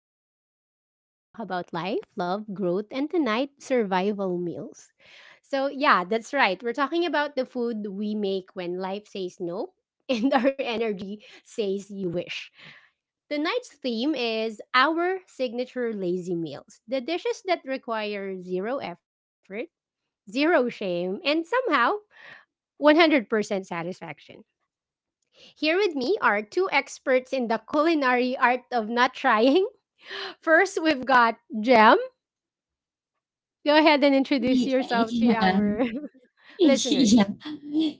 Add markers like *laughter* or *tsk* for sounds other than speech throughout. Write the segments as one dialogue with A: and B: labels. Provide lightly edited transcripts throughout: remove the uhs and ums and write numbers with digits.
A: cozy corner where we talk about life, love, growth, and tonight, survival meals. So, yeah, that's right. We're talking about the food we make when life says no *laughs* and our energy says you wish. Tonight's theme is our signature lazy meals, the dishes that require zero effort, zero shame, and somehow 100% satisfaction. Here with me are two experts in the culinary art of not trying. *laughs* First, we've got Jem. Go ahead and
B: Yeah,
A: introduce yourself
B: yeah,
A: to
B: *laughs*
A: our *laughs* listeners.
B: yeah.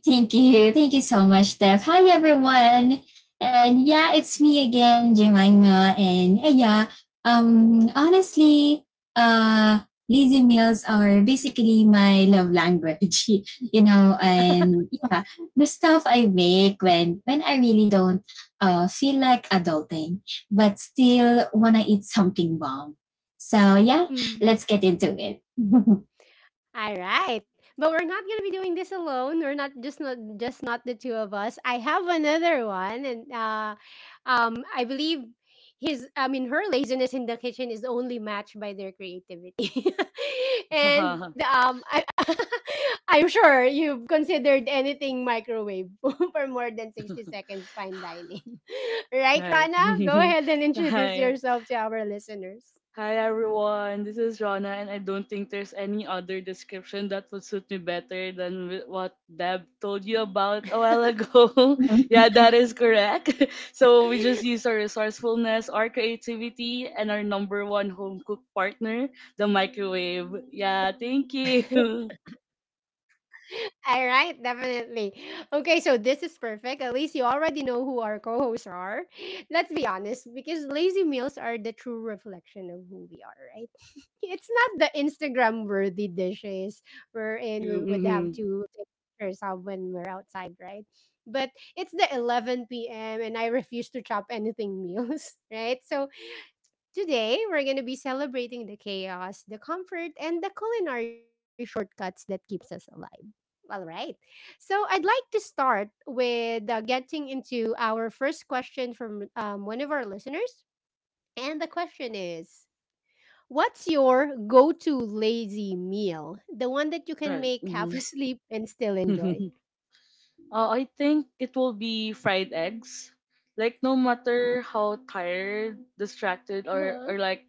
B: Thank you. Thank you so much, Steph. Hi, everyone. And yeah, it's me again, Jemima. And yeah, honestly, uh, lazy meals are basically my love language, *laughs* you know, and yeah, the stuff I make when I really don't feel like adulting, but still want to eat something bomb. So yeah,
A: Mm.
B: let's get into it. *laughs*
A: All right. But we're not going to be doing this alone. We're not just not just not the two of us. I have another one, and I believe his I mean her laziness in the kitchen is only matched by their creativity. *laughs* and
C: Right.
A: I *laughs* I'm sure you've considered anything microwave *laughs* for more than 60
C: *laughs*
A: seconds fine dining. *laughs* Right,
C: Right.
A: Rana? Go ahead and
C: *laughs*
A: introduce
C: Hi
A: yourself to our listeners.
C: Hi everyone, this is Rana, and I don't think there's any other description that would suit me better than what Deb told you about a while ago. *laughs* Yeah, that is correct. *laughs* So we just use our resourcefulness, our creativity, and our number one home cook partner, the microwave. Yeah, thank
A: *laughs*
C: you.
A: All right, definitely. Okay, so this is perfect. At least you already know who our co hosts are. Let's be honest, because lazy meals are the true reflection of who we are, right? It's not the Instagram worthy dishes wherein we would have
C: *laughs* Mm-hmm.
A: to take pictures of when we're outside, right? But it's the 11 p.m. and I refuse to chop anything meals, *laughs* right? So today we're going to be celebrating the chaos, the comfort, and the culinary shortcuts that keeps us alive. All right. So I'd like to start with getting into our first question from one of our listeners. And the question is, what's your go to lazy meal? The one that you can
C: Right.
A: make half *laughs*
C: Mm-hmm.
A: asleep and still enjoy?
C: *laughs* I think it will be fried eggs. Like no matter how tired, distracted, or
A: Uh-huh.
C: like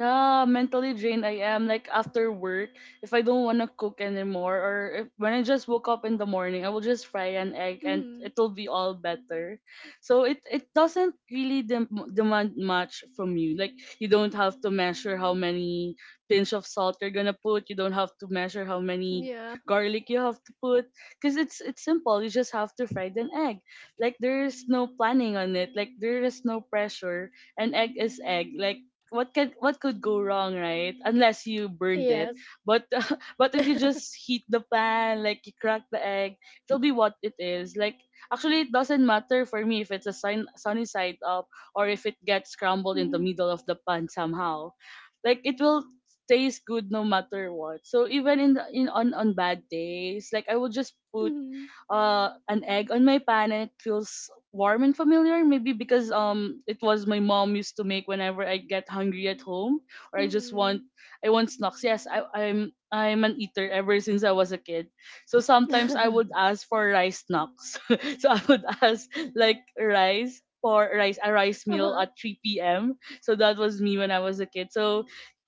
C: mentally drained I am, like after work, if I don't wanna cook anymore, or if, when I just woke up in the morning, I will just fry an egg and
A: Hmm.
C: it'll be all better. So it doesn't really demand much from you. Like you don't have to measure how many pinch of salt you're gonna put. You don't have to measure how
A: Yeah.
C: many garlic you have to put because it's simple. You just have to fry an egg. Like there is no planning on it. Like there is no pressure. An egg is egg. Like what could go wrong, right? Unless you burned
A: Yes.
C: it. But
A: *laughs*
C: *laughs* but if you
A: Mm-hmm.
C: just heat the pan, like you crack the egg, it'll be what it is. Like actually, it doesn't matter for me if it's a sunny side up or if it gets crumbled in the middle of the pan somehow. Like it will tastes good no matter what. So even in on bad days, like I will just put
A: Mm-hmm.
C: an egg on my pan and it feels warm and familiar. Maybe because it was my mom used to make whenever I get hungry at home or
A: Mm-hmm.
C: I want snacks. Yes, I'm an eater ever since I was a kid. So sometimes I would
A: *laughs*
C: ask for rice snacks. *laughs* So I would *laughs* ask like rice for rice a rice meal at
A: Uh-huh.
C: 3 p.m. So that was me when I was a kid. So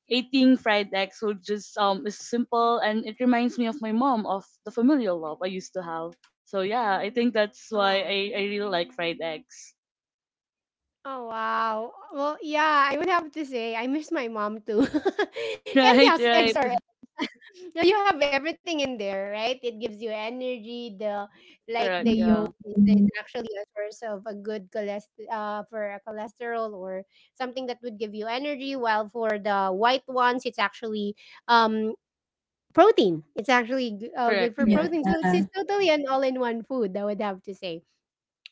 C: eating fried eggs would just is simple and it reminds me of my mom of the familial love I used to have. So yeah, I think that's why I,
A: Oh.
C: I really like fried eggs. *laughs*
A: Oh wow. Well, yeah, I would have to say I miss my mom too. *laughs* And
C: Right,
A: yes,
C: right.
A: eggs are. No, you have everything in there, right? It gives you energy. The like
C: Correct,
A: the
B: Mhm,
C: yeah.
A: yolk is,
B: mhm.
A: is actually a source of a good cholest for a cholesterol or something that would give you energy. While for the white ones, it's actually um protein. It's actually good
C: Correct,
A: for
B: Yeah,
C: correct,
A: protein. So it's,
B: oo.
A: it's totally an all-in-one food, I would have to say.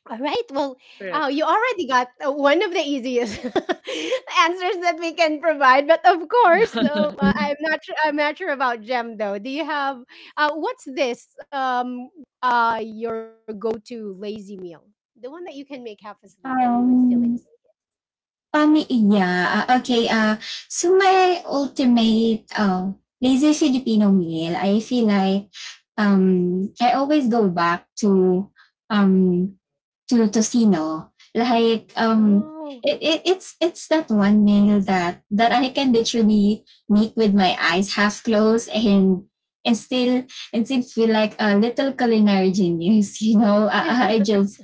A: All right. Well,
C: correct.
A: you already got one of the easiest *laughs* answers that we can provide, but of
C: *laughs*
A: course,
B: Mm.
A: I'm not. Sure, I'm not sure about Gem though. Do you have what's this? Your go-to lazy meal, the one that you can make half asleep and you would still eat.
B: Um, Pamiiya, okey, so my ultimate, lazy Filipino meal, I feel like, I always go back to, um to to Like um
A: Oh.
B: it's that one meal that I can literally meet with my eyes half closed and still and still feel like a little culinary genius, *laughs* you know.
A: *laughs*
B: I, I
A: uh,
B: just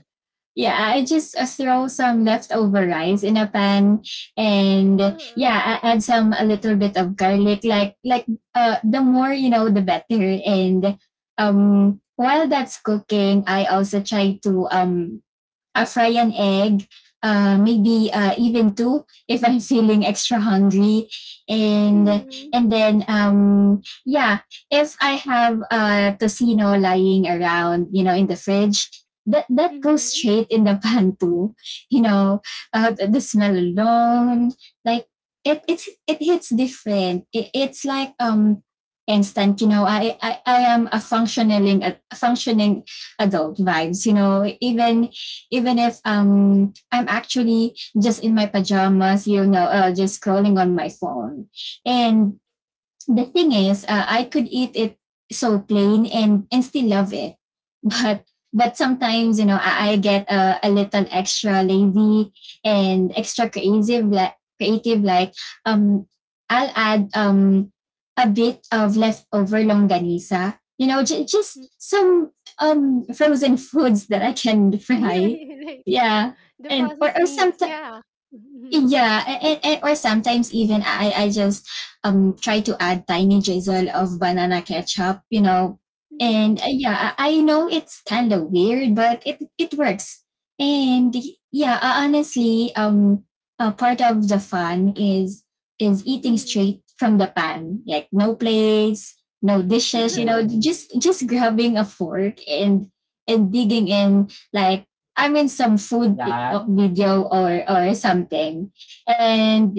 B: yeah, I just throw some leftover rice in a pan and yeah, I add some a little bit of garlic. Like, the more you know, the better. And while that's cooking, I also try to fry an egg, maybe even two if I'm *laughs* feeling extra hungry, and
A: mm-hmm,
B: and then yeah, if I have tocino lying around, you know, in the fridge. That goes
A: mm-hmm,
B: straight in the *laughs* pan too, you know. The smell alone, like it hits different. It's like instant. You know, I am a functioning adult vibes, you know, even if I'm actually just in my pajamas, you know, just scrolling on my phone. And the thing is, I could eat it so plain and still love it but but sometimes, you know,
A: mm-hmm. *laughs*
B: I get a little extra lazy and extra creative, like um I'll add a bit of leftover longanisa, you know, just some frozen *laughs* foods that I can *laughs*
A: Yeah,
B: fry.
A: yeah, like
B: Yeah.
A: the
B: and or,
A: processed
B: or
A: meats.
B: sometimes
A: Yeah. Mm-hmm,
B: yeah, and, and, or sometimes, even I just try to add tiny drizzle of banana ketchup, you know. And
A: mm-hmm,
B: yeah, I know it's kind of weird, but it works. And yeah, honestly, part of the fun is eating straight from the pan, like no plates, no dishes, you know.
A: mm-hmm.
B: Mm. Just grabbing a fork and digging in, like, I mean, some food TikTok video or something. And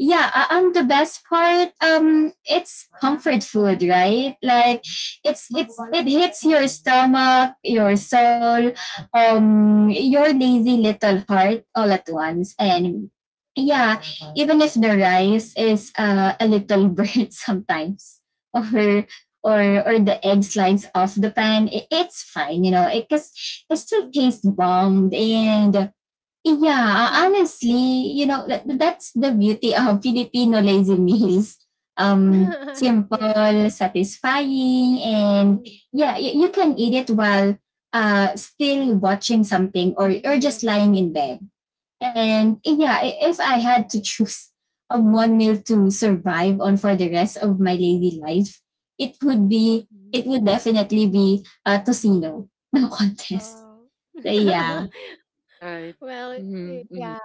B: yeah, the best part, it's comfort food, right? Like, it hits your stomach, your soul, your lazy little heart all at once. And yeah, even if the rice is a little burnt *laughs* sometimes, or or the egg slides off the pan, it's fine, you know, because it still tastes bomb. And yeah,
A: *laughs*
B: honestly, you know, that's the beauty of *laughs* Filipino lazy meals.
A: *laughs* Yeah.
B: Simple, satisfying, and yeah, you can eat it while still watching something or just lying in bed. And yeah, if I had to choose *laughs* a one meal to survive on for the rest of my daily life, it
A: Mhm.
B: would definitely be a tocino, *laughs* no contest.
A: Oh.
B: So yeah.
A: *laughs*
C: Right.
A: Well,
C: Mm-hmm, mm-hmm.
A: yeah.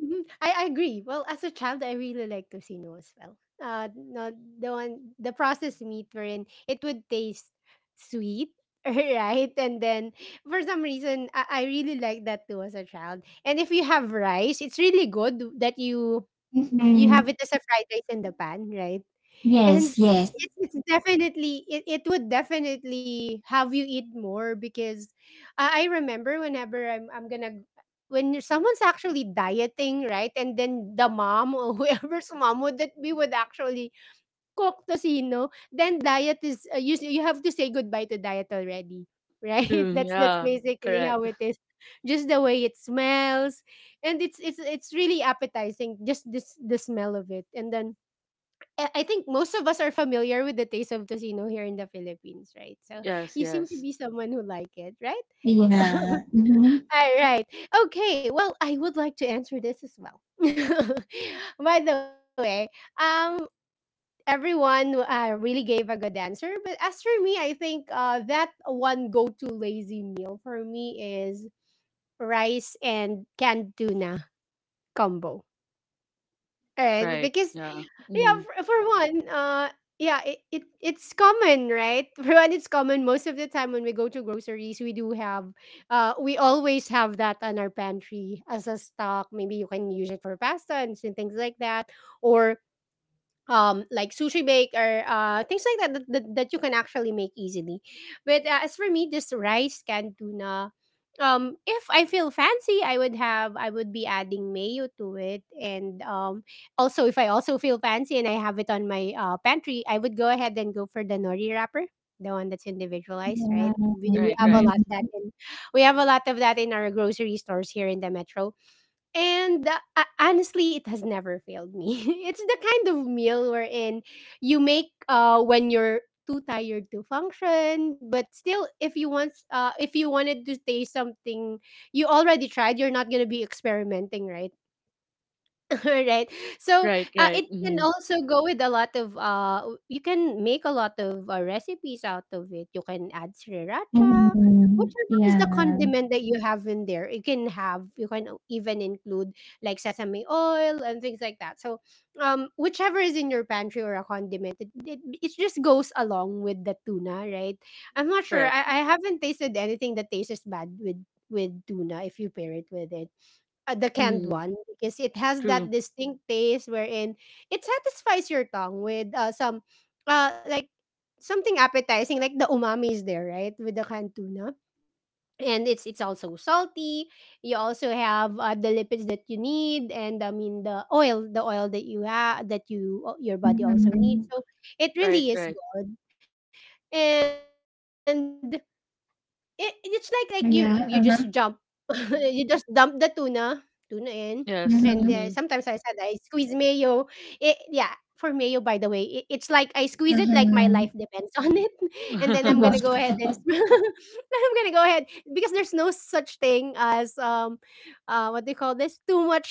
A: Mhm. I agree. Well, as a child, I really like tocino as well. No, the one, the processed meat wherein it would taste sweet, *laughs* right? And then for some reason, I really like that too as a child. And if you have rice, it's really good that you have
B: Mhm.
A: it as a fried rice in the pan, right? And
B: Yes, yes.
A: it's definitely, it would definitely have you eat more because I remember whenever I'm gonna when someone's actually dieting, right? And then the mom *laughs* or whoever's mom would that we would actually cook tocino, then diet is, you you have to say goodbye to diet already, right?
C: True,
A: *laughs* That's
C: yeah.
A: basically how
C: Correct.
A: it is. Just the way it smells, and it's really appetizing just this the smell of it. And then I think most of us are familiar with the taste of tocino here in the Philippines, right? So
C: Yes,
A: you seem to
C: yes.
A: be someone who like it, right?
B: Yeah.
A: *laughs*
B: Mhm.
A: All right. Okay. Well, I would like to answer this as well. *laughs* By the way, um, everyone really gave a good answer, but as for me, I think that one go-to lazy meal for me is rice and canned tuna combo. Right,
C: Right,
A: because
C: yeah.
A: yeah,
C: Mm-hmm.
A: for one, yeah, it's common, right? *laughs* For one, it's common. Most of the time when we go to groceries, we do have, we always have that on our pantry as a stock. Maybe you can use it for pasta and some things like that, or like sushi bake or things like that that, that you can actually make easily. But as for me, this rice canned tuna, if I feel fancy, I would be adding mayo to it. And also, if I also feel fancy and I have it on my pantry, I would go ahead and go for the nori wrapper, the one that's individualized,
B: Yeah.
A: right? We
C: Right,
A: have a
C: right.
A: lot
B: Mhm.
A: of that in we have a lot of that in our grocery stores here in the metro. And honestly, it has never failed me. *laughs* It's the kind of meal wherein you make when you're too tired to function, but still, if you wanted to taste something you already tried, you're not gonna be experimenting, right? *laughs* Right. So
C: Right,
A: it
C: right.
A: can
C: Mm-hmm.
A: also go with a lot of you can make a lot of recipes out of it. You can add sriracha,
B: Mhm.
A: whichever is the
B: Yeah.
A: condiment that you have in there. You can have, even include like sesame oil and things like that. So whichever is in your pantry or a condiment, it just goes along with the tuna, right? I'm not sure.
C: Correct.
A: I haven't tasted anything that tastes bad with tuna if you pair it with it, the canned
C: Mm-hmm.
A: one, because it has that
C: True.
A: distinct taste wherein it satisfies your tongue with some like something appetizing. Like the umami is there, right, with the canned tuna. And it's also salty. You also have the lipids that you need, and I mean the oil, the oil that you have that you your body also needs.
B: Mhm.
A: So it really
C: Right,
A: is
C: right.
A: good. And it's like you you just jump.
B: Yeah.
A: *laughs*
B: Uh-huh.
A: You just dump the tuna in, and, sometimes
C: Yes.
A: I said
B: Mhm.
A: I
C: Mm-hmm.
A: squeeze mayo. It Yeah, for mayo, by the way, it's like I squeeze it like my life depends *laughs*
B: Uh-huh.
A: on it, and then I'm gonna go
B: Wow.
A: ahead and
C: *laughs*
A: *laughs* I'm gonna go ahead because there's no such thing as what do you call this? Too much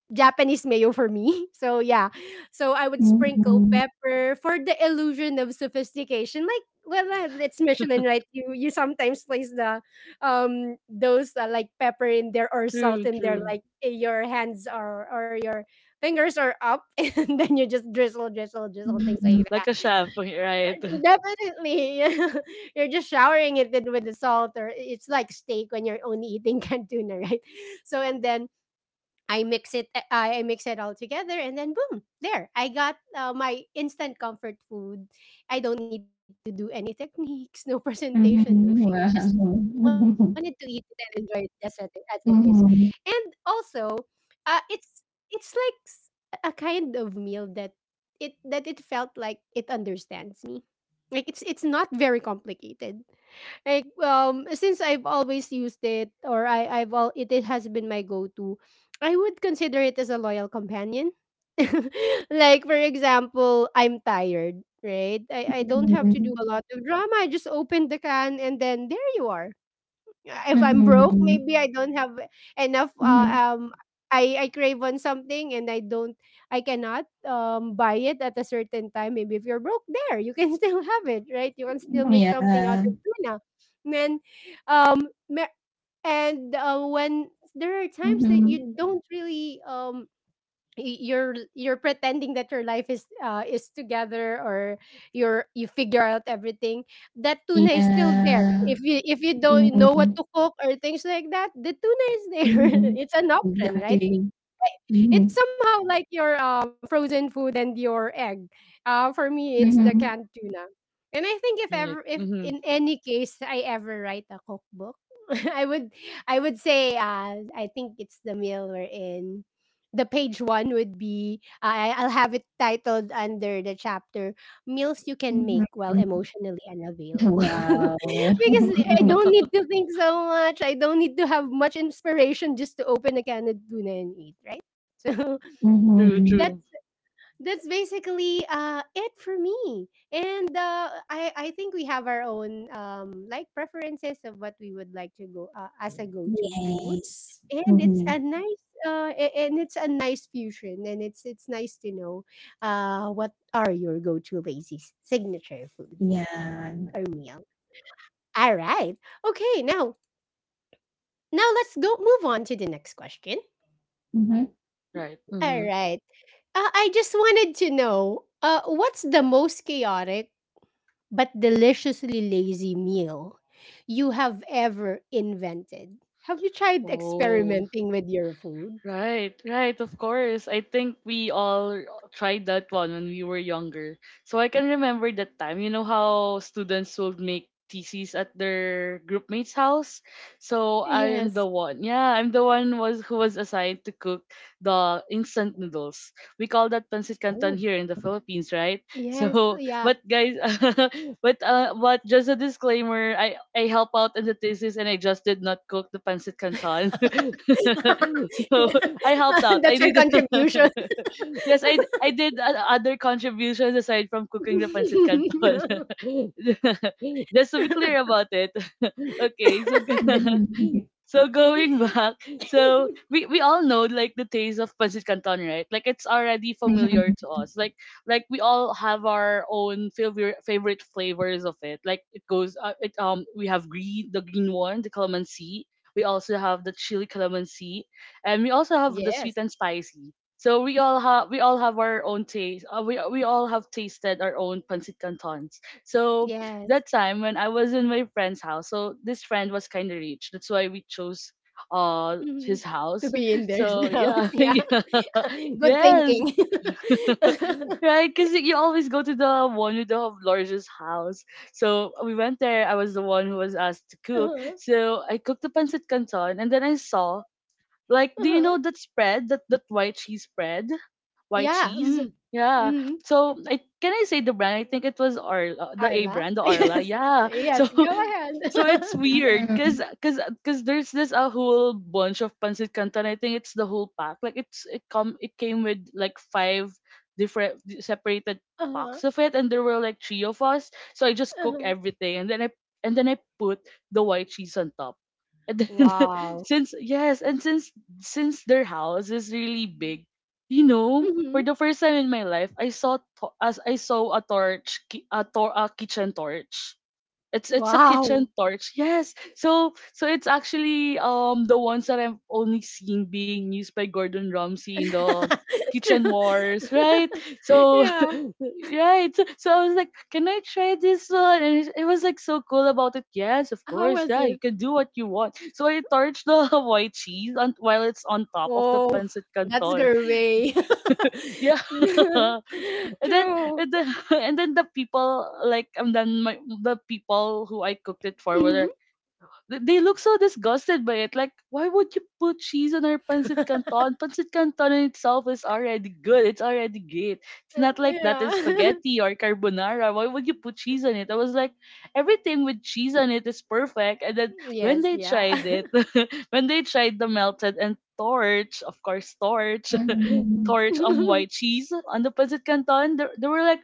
A: Japanese mayo for me. *laughs* So yeah. So I would sprinkle
B: Mhm.
A: pepper for the illusion of sophistication. Like, well, it's Michelin, right? You sometimes place the those like pepper in there or salt
C: True,
A: in there,
C: true.
A: like your hands are or your fingers are up *laughs* and then you just drizzle drizzle drizzle things
B: Mhm.
A: like
C: Like
A: that.
C: a chef, right? *laughs*
A: Definitely. *laughs* You're just showering it in with the salt, or it's like steak when you're only eating *laughs* cantina, right? So and then I mix it, I mix it all together and then boom, there I got, my instant comfort food. I don't need to do any *laughs* techniques, no presentation, no shame.
B: Mhm.
A: I just wanted to eat it and
B: Wow.
A: enjoy
B: *laughs*
A: it as as it is. And
B: Mhm,
A: also, uh, it's it's like s- a kind of meal that it felt like it understands me. Like it's not very complicated. Like since I've always used it, or I I've all it, it has been my go-to, I would consider it as a loyal companion. *laughs* Like for example, I'm tired, right? I don't have to do
B: mhm,
A: a lot of drama. I just open the can and then there you are. If I'm broke,
B: mhm,
A: maybe I don't have enough.
B: mhm.
A: Um, I crave on something and I don't, I cannot buy it at a certain time. Maybe if you're broke, there you can *laughs* still have it, right? You can still make something out
B: Yeah.
A: of tuna. And then, me- and when there are times that
B: Mhm.
A: you don't really you're pretending that your life is together or you figure out everything, that tuna is still there.
B: Yeah.
A: If you if you don't know what
B: Mhm,
A: to cook or things like that, the tuna is there. *laughs*
B: mhm.
A: It's an option, right?
B: Exactly.
A: It's
B: Mhm,
A: somehow like your frozen food and your egg. For me, it's the
B: mhm,
A: canned tuna. And I think if
C: Right.
A: ever, if
C: Mm-hmm.
A: in any case I ever write a cookbook, *laughs* I would, I would say, I think it's the meal we're in. The page one would be, I'll have it titled under the chapter, meals you can make while
B: mhm.
A: emotionally unavailable. *laughs* Because
B: Wow.
A: I
B: *laughs*
A: don't
C: *laughs*
A: need to think so much. I don't need to have much inspiration just to open a can of tuna and eat, right. So
C: True,
A: *laughs*
B: Mhm.
C: true.
A: that's that's basically it for me. And I think we have our own like preferences of what we would like to go as a go-to food.
B: Yes.
A: And it's
B: Mhm.
A: a nice And it's a nice fusion, and it's nice to know what are your go-to lazy signature food or
B: Yeah.
A: meal. All right. Okay, now let's go move on to the next question.
B: Mhm,
C: Right.
A: All
C: Mm-hmm.
A: right. I just wanted to know, what's the most chaotic but deliciously lazy meal you have ever invented? Have you tried
C: Oh,
A: experimenting with your food?
C: right, right, of course. I think we all tried that one when we were younger. So I can remember that time. You know how students would make theses at their groupmate's house? So I am
A: Yes.
C: the one. Yeah, I'm the one was who was assigned to cook the instant noodles. We call that pancit
A: Oh,
C: canton here in the Philippines, right? *laughs*
A: yes.
C: So
A: Yeah.
C: but guys, *laughs* but just a disclaimer, I help out in the thesis and I just did not cook the pancit canton. *laughs*
A: *laughs*
C: So I helped out. I
A: That's your
C: did.
A: contribution.
C: *laughs* Yes, I did other contributions aside from cooking the pancit canton.
A: *laughs*
C: *laughs* Just to be clear about it. *laughs* Okay, so *laughs*
B: mhm, mhm.
C: so *laughs* going back, so we all know like the taste of pancit canton, right? Like it's already
B: Mhm,
C: familiar to us. Like we all have our own favorite flavors of it. Like it goes it we have green the green one, the calamansi. We also have the chili calamansi, and we also have the
A: Yes.
C: sweet and spicy. So we all have our own taste. We all have tasted our own pancit cantons. So
A: Yes.
C: that time when I was in my friend's house. So this friend was kind of rich. That's why we chose
A: Mhm.
C: his
A: To
C: house.
A: be in their *laughs*
C: So
A: house.
C: yeah, *laughs*
A: Yeah.
C: yeah,
A: *laughs* Good
C: yes,
A: thinking. *laughs*
C: *laughs* right? Because you always go to the one with the largest house. So we went there. I was the one who was asked to cook.
A: Uh-huh.
C: So I cooked the pancit canton, and then I saw like, do you
A: Uh-huh.
C: know that spread, that white cheese spread, white
A: Yeah,
C: cheese?
A: mm,
C: Yeah.
A: mhm.
C: So, I can I say the brand? I think it was Arla, the A
A: Arla?
C: brand, the Arla.
A: *laughs*
C: Yeah. *laughs* So,
A: Yes, yes, go
C: so
A: ahead.
C: it's
A: *laughs*
C: weird, cause,
B: mhm,
C: cause, 'cause there's this a whole bunch of pancit canton. I think it's the whole pack. Like, it came with like five different separated
A: Uh-huh,
C: packs of it, and there were like three of us. So I just cook
A: uh-huh.
C: everything, and then I put the white cheese on top. And then *laughs*
A: Wow.
C: since yes, and since their house is really big, you know,
A: Mhm.
C: for the first time in my life, I saw a torch, ki- a, tor- a kitchen torch. It's a
A: Wow.
C: kitchen torch. Yes. So so it's actually the ones that I've only seen being used by Gordon Ramsay in the
A: *laughs*
C: Kitchen
A: True.
C: Wars, right?
A: *laughs*
C: So
A: Yeah,
C: *laughs* right. So, I was like, can I try this one? And it was like so cool about it. Yes, of
A: how
C: course.
A: was
C: Yeah,
A: it?
C: you can do what you want. So I torch the *laughs* white cheese on, while it's on top of the
A: Oh,
C: pancit
A: that's
C: canton.
A: gourmet.
C: Yeah. *laughs* and
A: *laughs*
C: then
A: True.
C: and then *laughs* and then the people like and then my the people
A: Mhm.
C: who I cooked it for were they look so disgusted by it. Like, why would you put cheese
A: Uh,
C: on our pancit canton? Pancit canton in itself is already good. It's already great.
A: *laughs*
C: It's not like that in
A: yeah. *laughs*
C: spaghetti or carbonara. Why would you put cheese on it? I was like, everything with cheese on it is perfect. And then
A: Yes,
C: when they
A: yeah.
C: tried it, *laughs* when they tried the melted and torch, of course, torch, *laughs*
B: mhm,
C: torch on white
A: *laughs*
C: cheese on the pancit canton, they were like,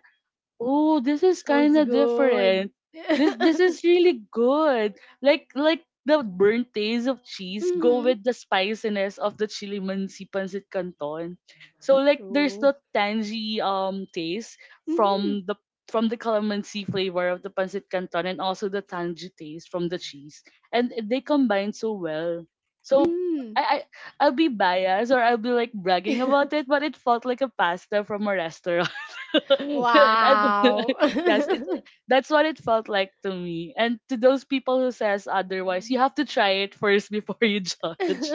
C: oh, this is
A: Oh,
C: kind
A: it's
C: of
A: good.
C: different. This
A: *laughs*
C: is really good. Like the burnt taste of cheese go
A: Mhm.
C: with the spiciness of the chili mansi pancit canton. So like there's
A: True.
C: the tangy taste
A: Mhm,
C: from the from the calamansi flavor of the pancit canton and also the tangy taste from the cheese. And they combine so well. So
A: mhm.
C: I, I I'll be biased or I'll be like bragging about it,
A: *laughs*
C: but it felt like a pasta from a restaurant. *laughs* I'm-
A: Wow.
C: *laughs* yes, it
A: *laughs*
C: that's what it felt like to me. And to those people who says otherwise, you have to try it first before you *laughs* judge.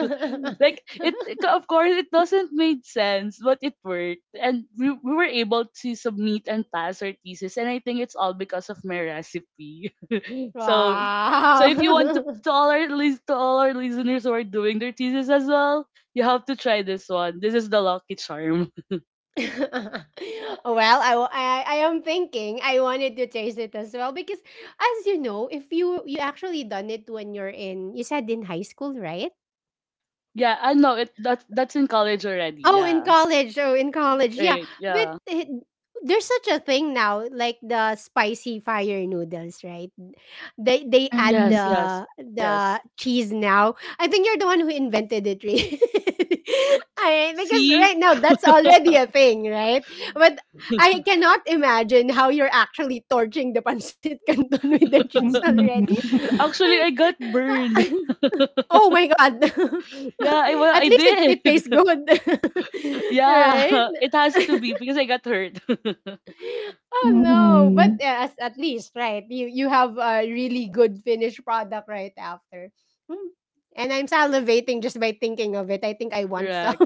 C: Like it, of course, it doesn't make sense, but it worked, and we were able to submit and pass our thesis. And I think it's all because of my recipe. *laughs* so. So
A: Wow.
C: if you want
A: *laughs* Well,
C: to all our to all our listeners who are doing their thesis as well, you have to try this one. This is the lucky charm.
A: I am thinking I wanted to chase it as well because as you know, if you actually done it when you're in, you said in high school, right?
C: Yeah, I know it that's in college already.
A: Oh, in
C: Yeah.
A: college. Oh, in college. Yeah.
C: Right.
A: But
C: Yeah.
A: it, there's such a thing now, like the spicy fire noodles, right? They add
C: Yes, yes. Yes.
A: the cheese now. I think you're the one who invented it, really. *laughs* All right, because
C: See?
A: right now that's
C: *laughs*
A: already a thing, right? But I cannot imagine how you're actually torching the pancit canton *laughs* with the cheese already.
C: Actually, I got burned.
A: *laughs* Oh my god. *laughs*
C: *laughs* Yeah, I
A: *laughs*
C: well,
A: At
C: I
A: least it
C: did.
A: tastes good. *laughs*
C: *laughs*
A: Right?
C: Yeah, *laughs* it has to be because I got hurt.
A: Oh
B: mhm,
A: no. But
B: mhm,
A: yeah, as, at least, right? You have a really good finished product right after. Hmm. And I'm salivating just by thinking of it. I think I
C: *laughs*
A: want some.
C: Correct.
A: *laughs*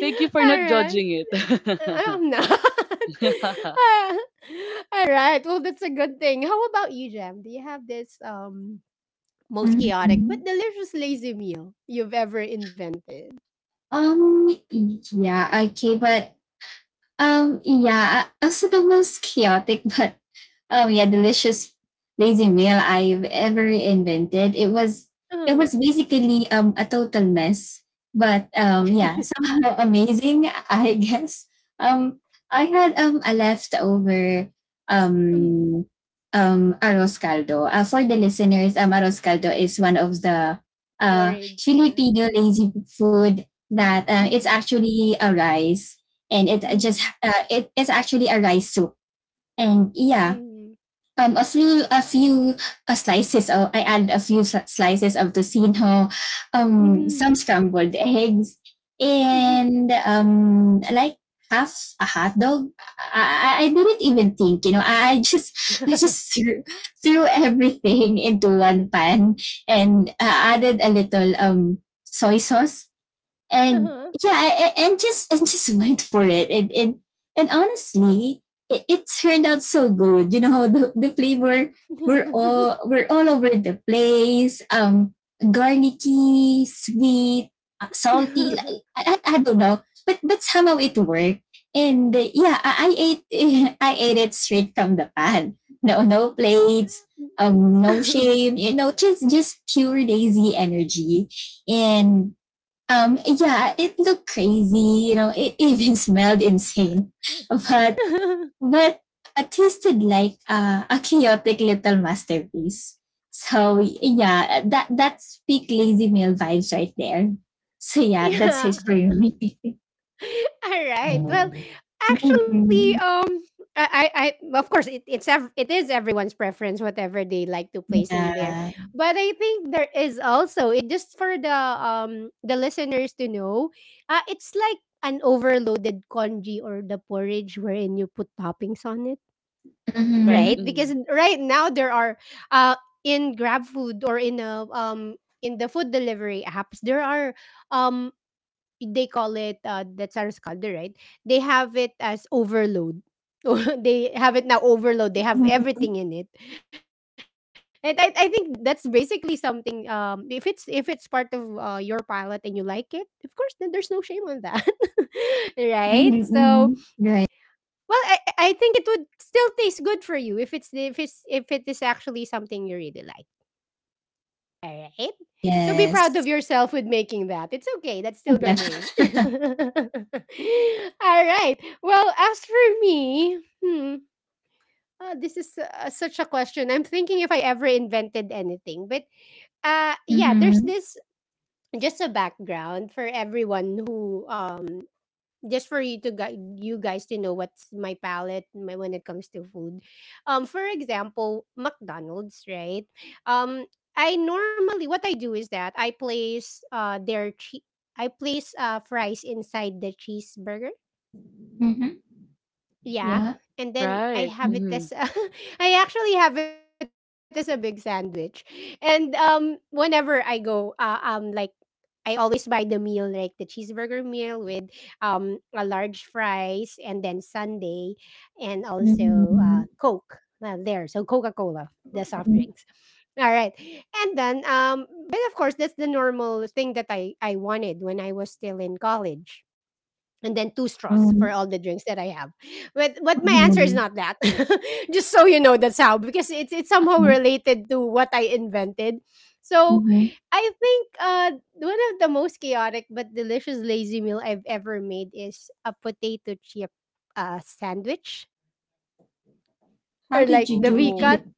C: Thank you for not
A: right.
C: judging it.
A: I-
C: *laughs*
A: I'm not. *laughs* Ah, all right. Well, that's a good thing. How about you, Jam? Do you have this most
B: mhm,
A: chaotic but
B: mhm.
A: delicious lazy meal you've ever invented?
B: Um, yeah, okay, but yeah, also the most chaotic *laughs* but yeah, delicious lazy meal I've ever invented. It
A: Uh-huh.
B: was basically a total mess, but yeah, *laughs* somehow amazing, I guess. Um I had a leftover um
A: *laughs*
B: arroz caldo. For the listeners, arroz caldo is one of the uh
A: Porridge, yeah.
B: Filipino
A: Mhm,
B: lazy food that It's
A: mhm,
B: actually a rice and it just
A: mhm,
B: It is actually a rice soup. And yeah,
A: mhm,
B: a few slices. I add a few slices of tocino,
A: mhm,
B: some scrambled eggs,
A: mhm, mhm.
B: and half a hot dog. I didn't even think, you know. I just threw everything *laughs* into one pan and added a little soy sauce, and
A: Uh-huh.
B: yeah, and just went for it, and honestly, it turned out so good. You know, *laughs* the flavor were all over the place. Garlicky, sweet, salty. Like,
A: *laughs*
B: I don't know, but somehow it worked. And yeah, I ate *laughs* I ate it straight from the pan. No plates. No shame. You know, just pure lazy energy, and yeah, it looked crazy. You know, it even *laughs* smelled insane, but but it tasted like a chaotic little masterpiece. So yeah, that's peak lazy meal vibes right there. So yeah, that's
A: Yeah.
B: it for me. *laughs*
A: All right. Well, actually, I, I, of course, it is everyone's preference, whatever they like to place in there.
B: Yeah.
A: But I think there is also, it just for the listeners to know, it's like an overloaded congee or the porridge wherein you put toppings on it.
C: Right.
A: Right,
B: Mm-hmm.
A: because
C: Mhm.
A: right now there are uh in grab food or in a in the food delivery apps, there are, um they call it, that's our scalder, right, they have it as overload. *laughs* They have it now overload, they have
B: Mm-hmm.
A: everything in it. And I think that's basically something, if it's part of your pilot and you like it, of course, then there's no shame on that. *laughs* Right, so,
B: Hmm. Right.
A: well, I think it would still taste good for you if it's if it is actually something you really like. All right. So be proud of
B: Yes.
A: yourself with making that. It's okay. That's still
B: Yeah.
A: gourmet. *laughs*
B: *laughs*
A: All right. Well, as for me, hmm, this is, such a question. I'm thinking if I ever invented anything, but yeah, there's
B: Mm-hmm.
A: this just a background for everyone who just for you to you guys to know what's my palate my, when it comes to food. For example, McDonald's, right? Um, I normally what I do is that I place I place fries inside the cheeseburger,
B: Mm-hmm.
A: yeah.
B: Yeah.
A: And then I
C: Right.
A: have
B: Mm-hmm.
A: it as
C: Mhm.
A: a, *laughs* I actually have it as a big sandwich. And whenever I go, like I always buy the meal like the cheeseburger meal with a large fries, and then sundae, and also
B: Mm-hmm.
A: Coke. There, so Coca-Cola, the soft drinks. All right. And then, but of course that's the normal thing that I wanted when I was still in college, and then two straws for all the drinks that I have. But my answer is
B: Mm-hmm.
A: not that. *laughs* Just so you know, that's how, because it's somehow
B: Mhm,
A: related to what I invented. So
B: mhm.
A: I think, one of the most chaotic but delicious lazy meal I've ever made is a potato chip, sandwich
B: How
A: or
B: did
A: like
B: you
A: the
B: do
A: V-cut.
B: it?
C: Oh.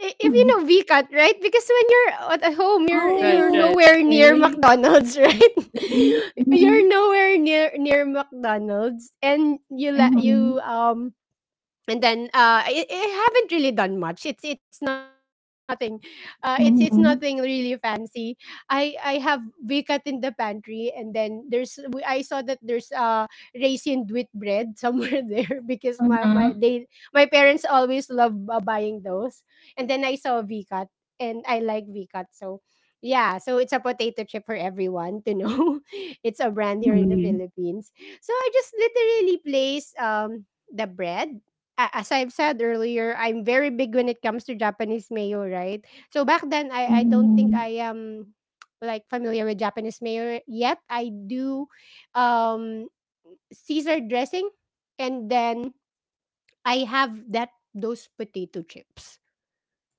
A: If you
B: Mhm.
A: know V-cut, right? Because when you're at home,
C: Right.
A: you're
B: Oh,
C: Right.
A: nowhere near
B: okay.
A: McDonald's, *laughs* right?
B: Mhm,
A: You're nowhere near McDonald's, and
B: mhm,
A: you and then, I haven't really done much. It's nothing, it's nothing
B: mhm,
A: really
B: mhm.
A: fancy. I have vikat in the pantry, and then I saw that there's raisin wheat bread somewhere *laughs* there because
B: Uh-huh.
A: my parents always love, buying those, and then I saw vikat, and I like vikat so. Yeah, so it's a potato chip for everyone to know. *laughs* It's a brand here in the
B: Mhm,
A: Philippines. So I just literally place the bread, a as I've said earlier, I'm very big when it comes to Japanese mayo, right? So back then, I don't think
B: mhm,
A: I am *tsk* like familiar with Japanese mayo yet. I do um Caesar dressing, and then I have that those potato chips.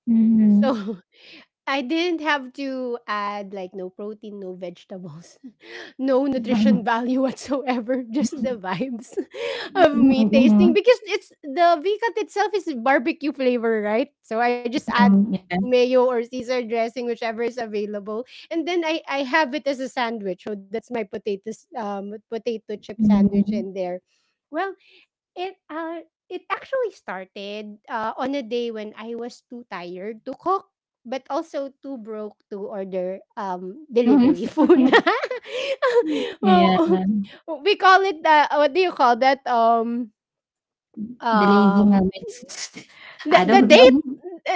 B: mhm.
A: So *laughs* I didn't have to add like no protein, no vegetables, *laughs* no nutrition
B: Mhm,
A: value *laughs* whatsoever, just the vibes *laughs* of me
B: mhm,
A: tasting because it's the cut itself is barbecue flavor, right? So I just add
B: mhm. Yeah.
A: mayo or Caesar dressing, whichever is available. And then I have it as a sandwich. So that's my potato chip sandwich
B: Mhm.
A: in there. Well, it, it actually started, on a day when I was too tired to cook, but also too broke to order, delivery food.
B: *laughs*
A: *laughs*
B: Yeah,
A: Oh, oh, we call it, what do you call that?
B: the lady
A: Um
B: now. *laughs*
A: the
B: I don't know.
A: date,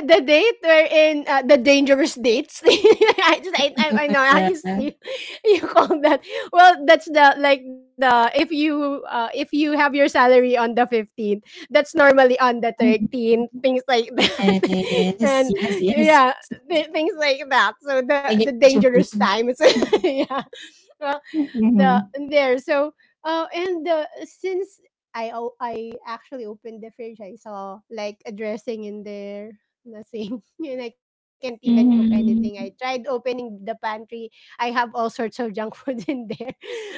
A: the date wherein, the dangerous dates. *laughs* I just I know how
B: Yeah.
A: you, you call that. Well, that's the like the if you, if you have your salary on the 15th, that's normally on the
B: Mhm.
A: 13th, things like that. *laughs*
B: Yes,
A: And
B: yes, yes.
A: yeah, things like that. So
B: I
A: the
B: get what you
A: dangerous
B: mean.
A: time, it's *laughs* yeah, well, the
B: Mhm.
A: there, so, and since I actually opened the fridge. I saw like a dressing in there, nothing, *laughs* and I can't even cook anything. I
B: Mhm.
A: tried opening the pantry. I have all sorts of junk food *laughs* in there.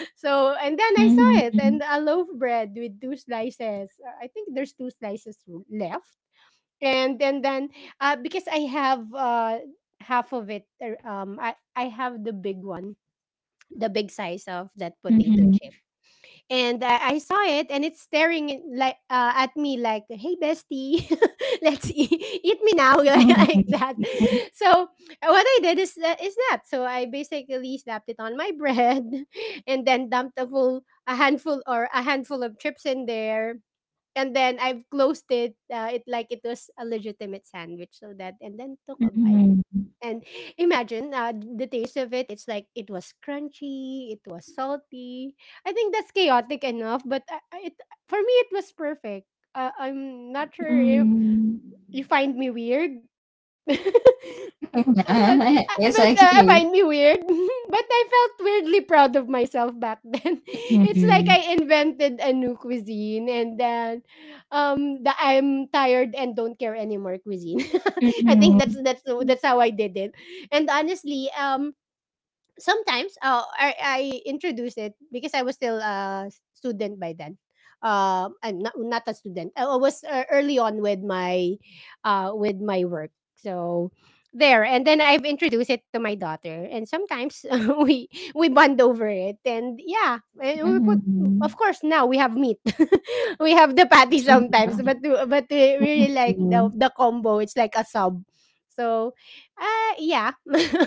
A: So and then I saw
B: Mhm,
A: it and
B: mhm.
A: a loaf bread with two slices. I think there's two slices left. And then because I have, half of it, I have the big one, the big size of that potato chip. And I saw it, and it's staring like at me like, "Hey, bestie, *laughs* let's eat, eat me now," *laughs*
B: Hmm.
A: like
B: Mhm,
A: that. So what I did is that. So I basically slapped it on my bread, *laughs* and then dumped a handful or a handful of chips in there. And then I've closed it, like it was a legitimate sandwich, so that, and then took a bite. And imagine the taste of it. It's like it was crunchy, it was salty. I think that's chaotic enough, but it for me it was perfect. I'm not sure
B: mhm,
A: if
B: mm.
A: you find me weird. *laughs* but
B: Nah, it's
A: but I
B: okay.
A: find me weird. *laughs* But I felt weirdly proud of myself back then. *laughs* It's like
B: Mhm,
A: I invented a new cuisine, and then the I'm tired and don't care anymore cuisine. *laughs* I think that's
B: mhm,
A: that's that's how I did it. And honestly, sometimes, I introduced it because I was still a student by then. I'm not not a student. I was, early on with my, with my work. So there, and then I've introduced it to my daughter, and sometimes *laughs* we we bond over it, and yeah, and we put. Of
B: mhm,
A: course, now we have meat. *laughs* We have the patty
B: mhm,
A: sometimes,
B: mhm.
A: but we really like the combo. It's like a sub, so, yeah, *laughs*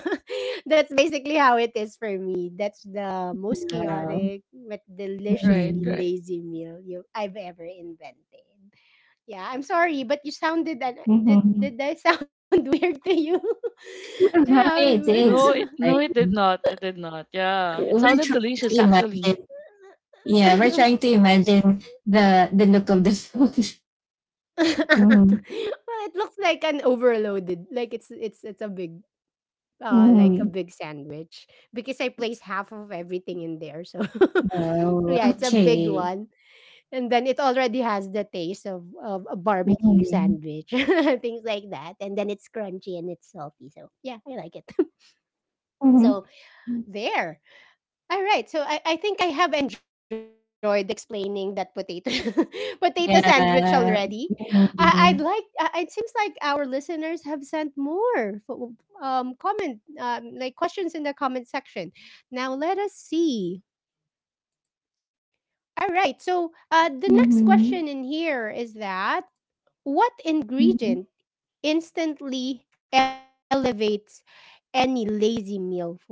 A: that's basically how it is for me. That's the most
B: Wow.
A: chaotic but
C: Right.
B: Mhm,
A: deliciously
C: Right.
A: lazy meal you I've ever invented. Yeah, I'm sorry, but you sounded that
B: mhm.
A: did I sound *laughs* weird to you? *laughs*
B: How it is.
A: Yeah.
B: I
C: No, it did not. It did not. Yeah. It
B: We're
C: sounded
B: trying to
C: delicious
B: imagine.
C: actually.
B: Yeah, we're trying
A: *laughs*
B: to imagine the look of the food. *laughs*
A: *laughs*
B: Mhm,
A: Well, it looks like an overloaded, like it's a big, like a
B: mhm.
A: big sandwich because I placed half of everything in there. So *laughs*
B: Wow.
A: yeah, it's a big
B: Okay.
A: one, and then it already has the taste of a barbecue
B: Mhm,
A: sandwich, *laughs* things like that. And then it's crunchy and it's salty. So yeah, I like it. *laughs*
B: mhm.
A: So there. All right. So I think I have enjoyed explaining that potato *laughs* potato sandwich already.
B: Yeah.
A: I'd like.
B: Mhm.
A: It seems like our listeners have sent more comment like questions in the comment section. Now let us see. All right. So the next
B: Mhm.
A: question in here is that what ingredient
B: Mhm.
A: instantly elevates any lazy meal for you?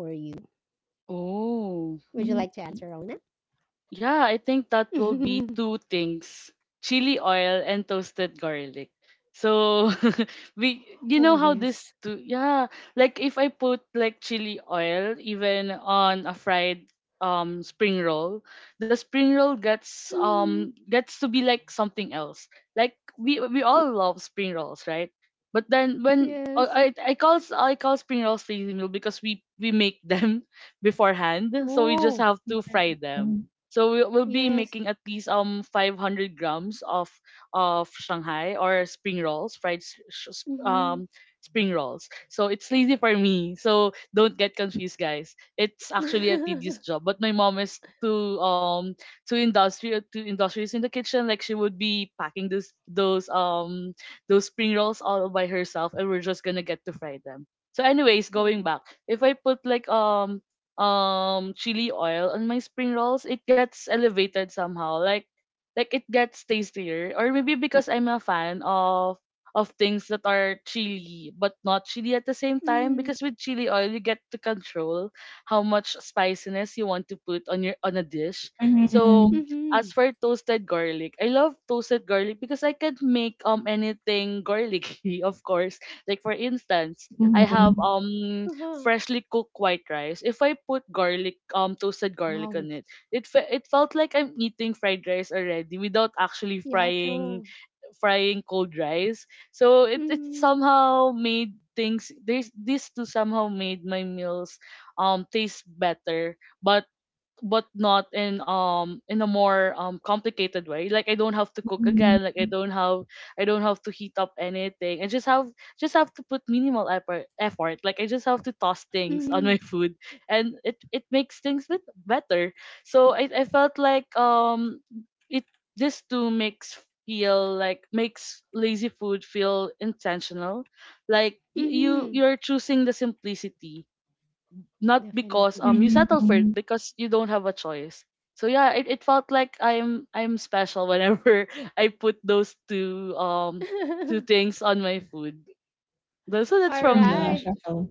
A: Would you like to answer, Ona?
C: Oh,
B: Mhm.
C: yeah, I think
A: *laughs*
C: that will be two things. Chili oil and toasted garlic. So *laughs*
A: Oh,
C: we you
A: yes.
C: know how this two yeah, like if I put like chili oil even on a fried spring roll, the spring roll gets to be like something else. Like we all love spring rolls, right? But then when
A: Yes.
C: I call spring rolls lazy meal because we make them *laughs* beforehand, so we
A: Oh,
C: just have to fry them
B: Mhm.
C: so we'll be
A: yes.
C: making at least 500 grams of Shanghai or spring rolls, fried s- sh- s-
A: Mhm.
C: spring rolls. So it's lazy for me. So don't get confused, guys. It's actually a tedious job, but my mom is too industrious in the kitchen. Like she would be packing those spring rolls all by herself, and we're just gonna get to fry them. So, anyways, going
A: Mm.
C: back, if I put like chili oil on my spring rolls, it gets elevated somehow. Like it gets tastier. Or maybe because I'm a fan of things that are chili but not chili at the same time
A: Mhm.
C: because with chili oil you get to control how much spiciness you want to put on a dish. So
A: Mhm.
C: as
A: *laughs*
C: for toasted garlic, I love toasted garlic because I can make anything garlicky, *laughs* of course. Like for instance, I have
B: Mhm.
A: Uh-huh.
C: freshly cooked white rice, if I put garlic, toasted garlic
A: Wow.
C: on it, it felt like I'm eating fried rice already without actually
A: Yeah,
C: frying
A: true.
C: frying cold rice. So it
A: Mhm.
C: somehow made things this these two somehow made my meals taste better, but but not in a more complicated way, like
B: Mhm.
C: I don't have I don't have to heat up anything. I just have to put minimal effort, like I just have to toss things on
A: Mhm.
C: my food, and it makes things bit better. So I felt like it this too makes feel like makes lazy food feel intentional. Like you
A: Mhm.
C: you're choosing the simplicity, not because
A: Definitely.
C: you settle for it
B: Mhm.
C: because you don't have a choice. So yeah, it felt like I'm special whenever *laughs* I put those two
A: *laughs*
C: things on my food. That's that's
A: All
B: Di
C: from
B: ba,
C: me.
A: right.
B: shuffle?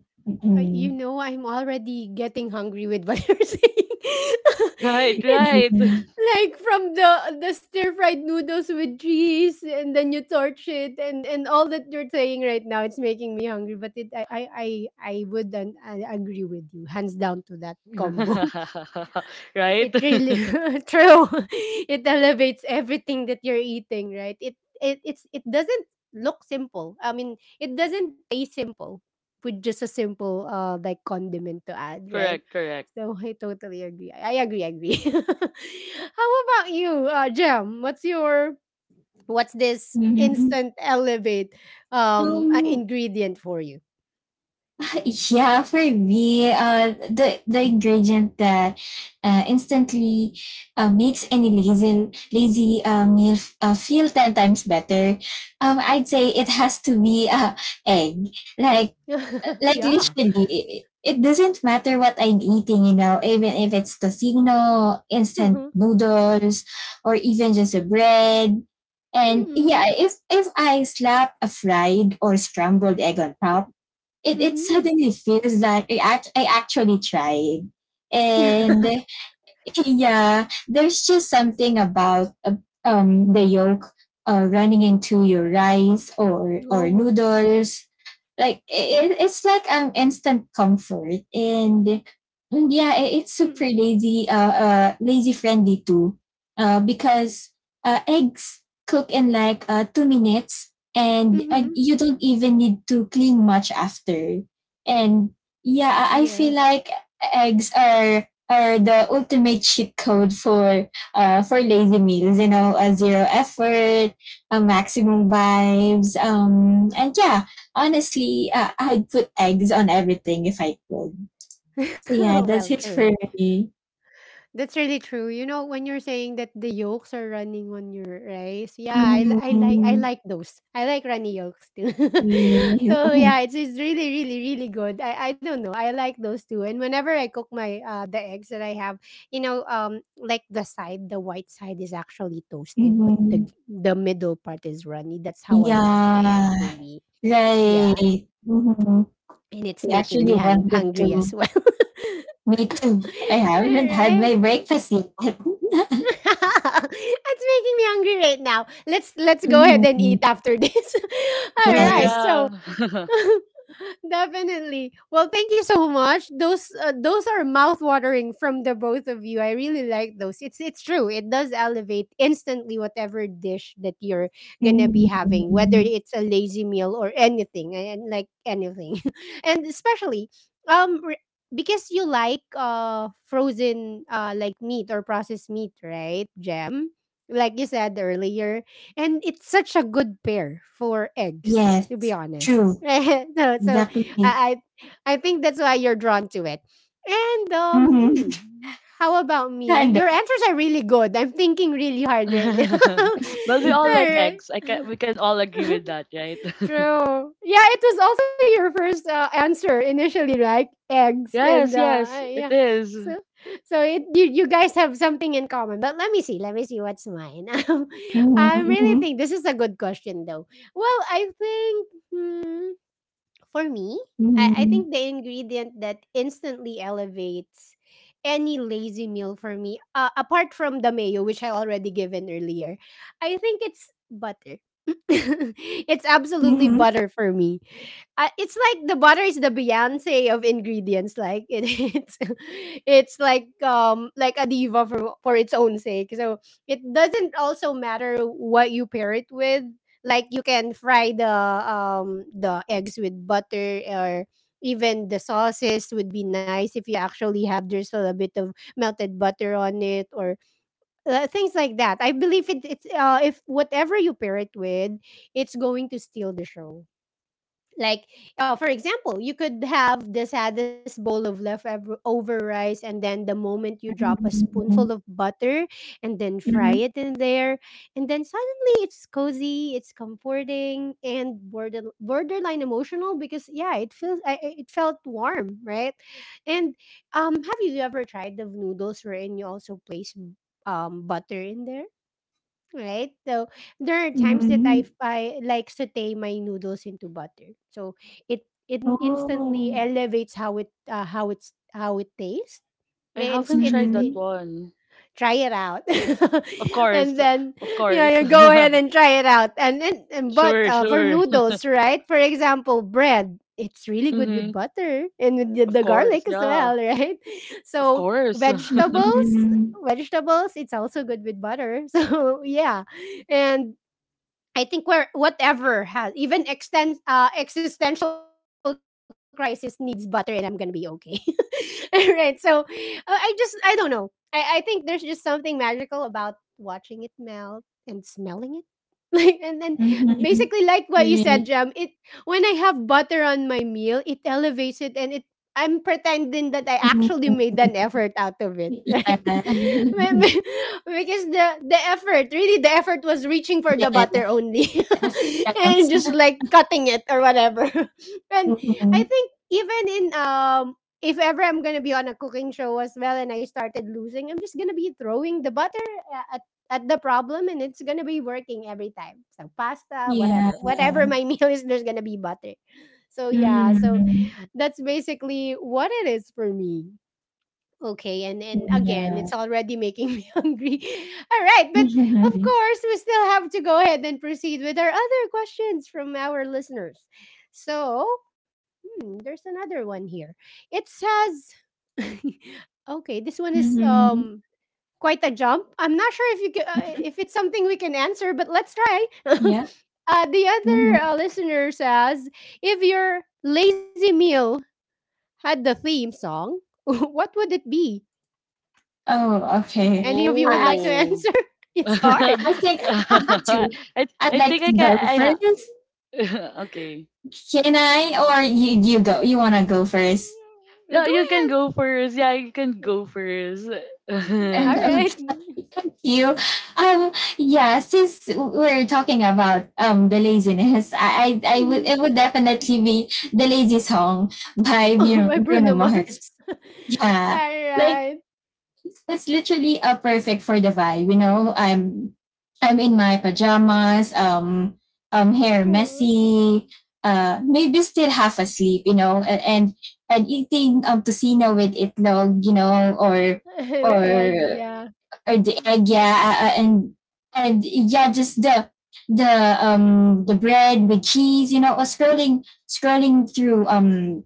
B: Hmm.
A: I'm already getting hungry with what *laughs* you're saying. *laughs*
C: Right,
A: It's
C: right.
B: Mhm.
C: *laughs*
A: like from the stir fried noodles with cheese, and then you torch it, and all that you're saying right now, it's making me hungry. But it, I wouldn't I agree with you, hands down to that combo. *laughs*
C: Right?
A: It really
C: *laughs*
A: *laughs* true *laughs* it elevates everything that you're eating, right, it doesn't look simple. I mean it doesn't taste simple with just a simple like condiment to add, right,
C: Correct, correct.
A: so *laughs* I totally agree, I agree, I agree. *laughs* How about you, Jam? What's this
B: Mhm.
A: instant elevate
B: Um,
A: ingredient for you?
B: *laughs* yeah, for me, the ingredient that instantly makes any lazy meal feel 10 times better, I'd say it has to be egg. Like
A: *laughs*
B: like,
A: Yeah,
B: literally, it doesn't matter what I'm eating, you know, even if it's tocino, instant
A: uh-huh.
B: noodles, or even just a bread. And yeah,
A: Mm-hmm.
B: if I slap a fried or scrambled egg on top, it
A: Mm-hmm.
B: suddenly feels like I actually tried. And *laughs* yeah, there's just something about the yolk running into your rice or
A: *laughs*
B: or
A: Oh,
B: noodles. Like it's like instant comfort, and yeah, it's super
A: mm-hmm.
B: lazy, lazy friendly too. Because eggs cook in like 2 minutes, and
A: Mhm.
B: you don't even need to clean much after. And yeah, I feel
A: Yes.
B: like eggs are the ultimate cheat code for lazy meals. You know, a zero effort, a maximum vibes. And yeah, honestly, I'd put eggs on everything if I could.
A: *laughs*
B: So yeah,
A: Well,
B: that's it
A: true.
B: for me.
A: That's really true. You know, when you're saying that the yolks are running on your rice, yeah, I, li- I like I
B: Mhm.
A: like those. I like runny yolks too. *laughs*
B: Yeah.
A: So
B: *laughs*
A: yeah, it's really really really good. I don't know. I like those too. And whenever I cook my the eggs that I have, like the side, the white side is actually toasted, but the
B: Mhm.
A: the middle part is runny. That's how I want my egg
B: Yeah.
A: to be. Yeah,
B: Right. Hmm.
A: and it's making me
B: I actually
A: hungry as
B: wanted
A: well. *laughs*
B: to. Me too. I haven't
A: Right?
B: had my breakfast yet. *laughs*
A: *laughs* That's making me hungry right now. Let's go ahead and
B: Hmm.
A: eat after this. *laughs* All
C: True,
B: Yes.
A: right.
C: yeah.
A: So,
C: *laughs*
A: *laughs* Definitely. Well, thank you so much. Those are mouth-watering from the both of you. I really like those. It's true. It does elevate instantly whatever dish that you're gonna be having, whether
B: Hmm.
A: it's a lazy meal or anything, and like anything, *laughs* and especially um re- because you like frozen like meat or processed meat, right, Jam? Like you said earlier, and it's such a good pair for eggs, to be
B: Yes.
A: honest.
B: True.
A: *laughs* So
B: Exactly.
A: I, I think that's why you're drawn to it. And
B: Hmm.
A: how about me?
B: Kind
A: Your
B: of.
A: answers are really good. I'm thinking really hard right now. *laughs*
C: But we all
A: All
C: like
A: right,
C: eggs. I can we can all agree with that, right? *laughs*
A: true. Yeah, it was also your first answer initially, right? Eggs and
C: Yes, yes, it
A: yeah.
C: is.
A: So so it, you guys have something in common. But let me see. Let me see what's mine. *laughs* I really
B: Hmm.
A: think this is a good question, though. Well, I think. Hmm, for me, I
B: Hmm.
A: think the ingredient that instantly elevates any lazy meal for me, apart from the mayo, which I already given earlier, I think it's butter. *laughs* It's absolutely
B: Hmm. *laughs*
A: butter for me. It's like the butter is the Beyonce of ingredients. Like it, *laughs* it's, it's like a diva for its own sake. So it doesn't also matter what you pair it with. Like you can fry the eggs with butter, or even the sauces would be nice if you actually have, there's a little bit of melted butter on it, or things like that. I believe it, it's if whatever you pair it with, it's going to steal the show. Like for example, you could have the saddest bowl of leftover over rice, and then the moment you drop a spoonful
B: Mhm,
A: of butter and then fry
B: mhm,
A: it in there, and then suddenly it's cozy, it's comforting, and borderline emotional, because yeah, it feels, it felt warm, right. And have you ever tried the noodles wherein you also place butter in there, right? So there are times that
B: mhm.
A: I like saute my noodles into butter, so it instantly
B: Oh.
A: elevates how it tastes.
C: I
A: And
C: haven't
A: it's
C: tried that
B: Mhm,
C: one.
A: try it out.
C: Of
A: *laughs*
C: course,
A: And then,
C: of
A: yeah,
C: course. *laughs*
A: you go ahead and try it out, and then and, but
C: Sure,
A: for
C: sure. *laughs*
A: noodles, right? For example, bread, it's really good with
C: hmm
A: butter and with the,
C: Of
A: the
C: course,
A: garlic as
C: yeah.
A: well, right? *laughs*
C: Of
A: So
C: course.
B: mhm,
A: vegetables
B: mhm.
A: vegetables it's also good with butter. *laughs* So yeah. And I think where whatever has even extens existential crisis needs butter, and I'm gonna be okay. *laughs* All right, so I don't know. I think there's just something magical about watching it melt and smelling. *laughs* Like, and then, basically like what you said,
B: Wait.
A: Jam, it, when I have butter on my meal it elevates it, and it I'm pretending that I
B: Mhm.
A: actually made an effort out of it. *laughs*
B: Yeah.
A: Right.
B: *laughs*
A: Because the effort, really, the effort was reaching for the
B: Yeah,
A: butter only.
B: that's
A: *laughs* And
B: because
A: just like cutting it or whatever. *laughs* And I
B: Mhm.
A: think even in if ever I'm gonna be on a cooking show as well, and I started losing, I'm just gonna be throwing the butter a- at the problem, and it's gonna be working every time. So pasta,
B: Yeah.
A: whatever my *laughs* meal is, there's gonna be butter. So yeah, so
B: Mm,
A: that's basically what it is for me. Okay, and again,
B: yeah.
A: it's already making me *laughs* hungry. All right, but of
B: Mhm,
A: course, we still have to go ahead and proceed with our other questions from our listeners. So, there's another one here. It says, *laughs* okay, this one is
B: mhm.
A: quite a jump. I'm not sure if you can, if it's something we can answer, but let's try. *laughs*
B: Yeah.
A: The other
B: Mhm.
A: listener says, if your lazy meal had the theme song, *laughs* what would it be?
B: Oh,
C: *laughs*
B: okay.
A: Any of you
B: I I
A: would like to
C: Oh.
A: answer? *laughs*
C: *laughs*
A: It's hard.
B: I
A: Well,
B: think I would like to.
C: I
B: I'd
C: think
B: like
C: I
B: to
C: can
B: go
C: I ha
B: first.
C: *laughs* Okay.
B: Can I, or you go? You wanna go first?
A: go
C: Yeah, you can
A: ahead.
C: go first. Yeah, you can go first.
B: *laughs*
C: *laughs*
A: All right.
B: Okay, thank you. Um, yeah, since we're talking about the laziness, I would it would definitely be The Lazy Song by
A: *laughs* My
B: Bruno
A: Bruno Mars.
B: Mars.
A: *laughs* All
B: Yeah, like,
A: right.
B: it's literally a perfect for the vibe. You know, I'm in my pajamas, hair
A: Oh,
B: messy, maybe still half asleep. You know, and eating tocino with itlog. You know, or or
A: *laughs* egg, yeah.
B: the egg, yeah, and yeah, just the bread with cheese. You know, or scrolling through um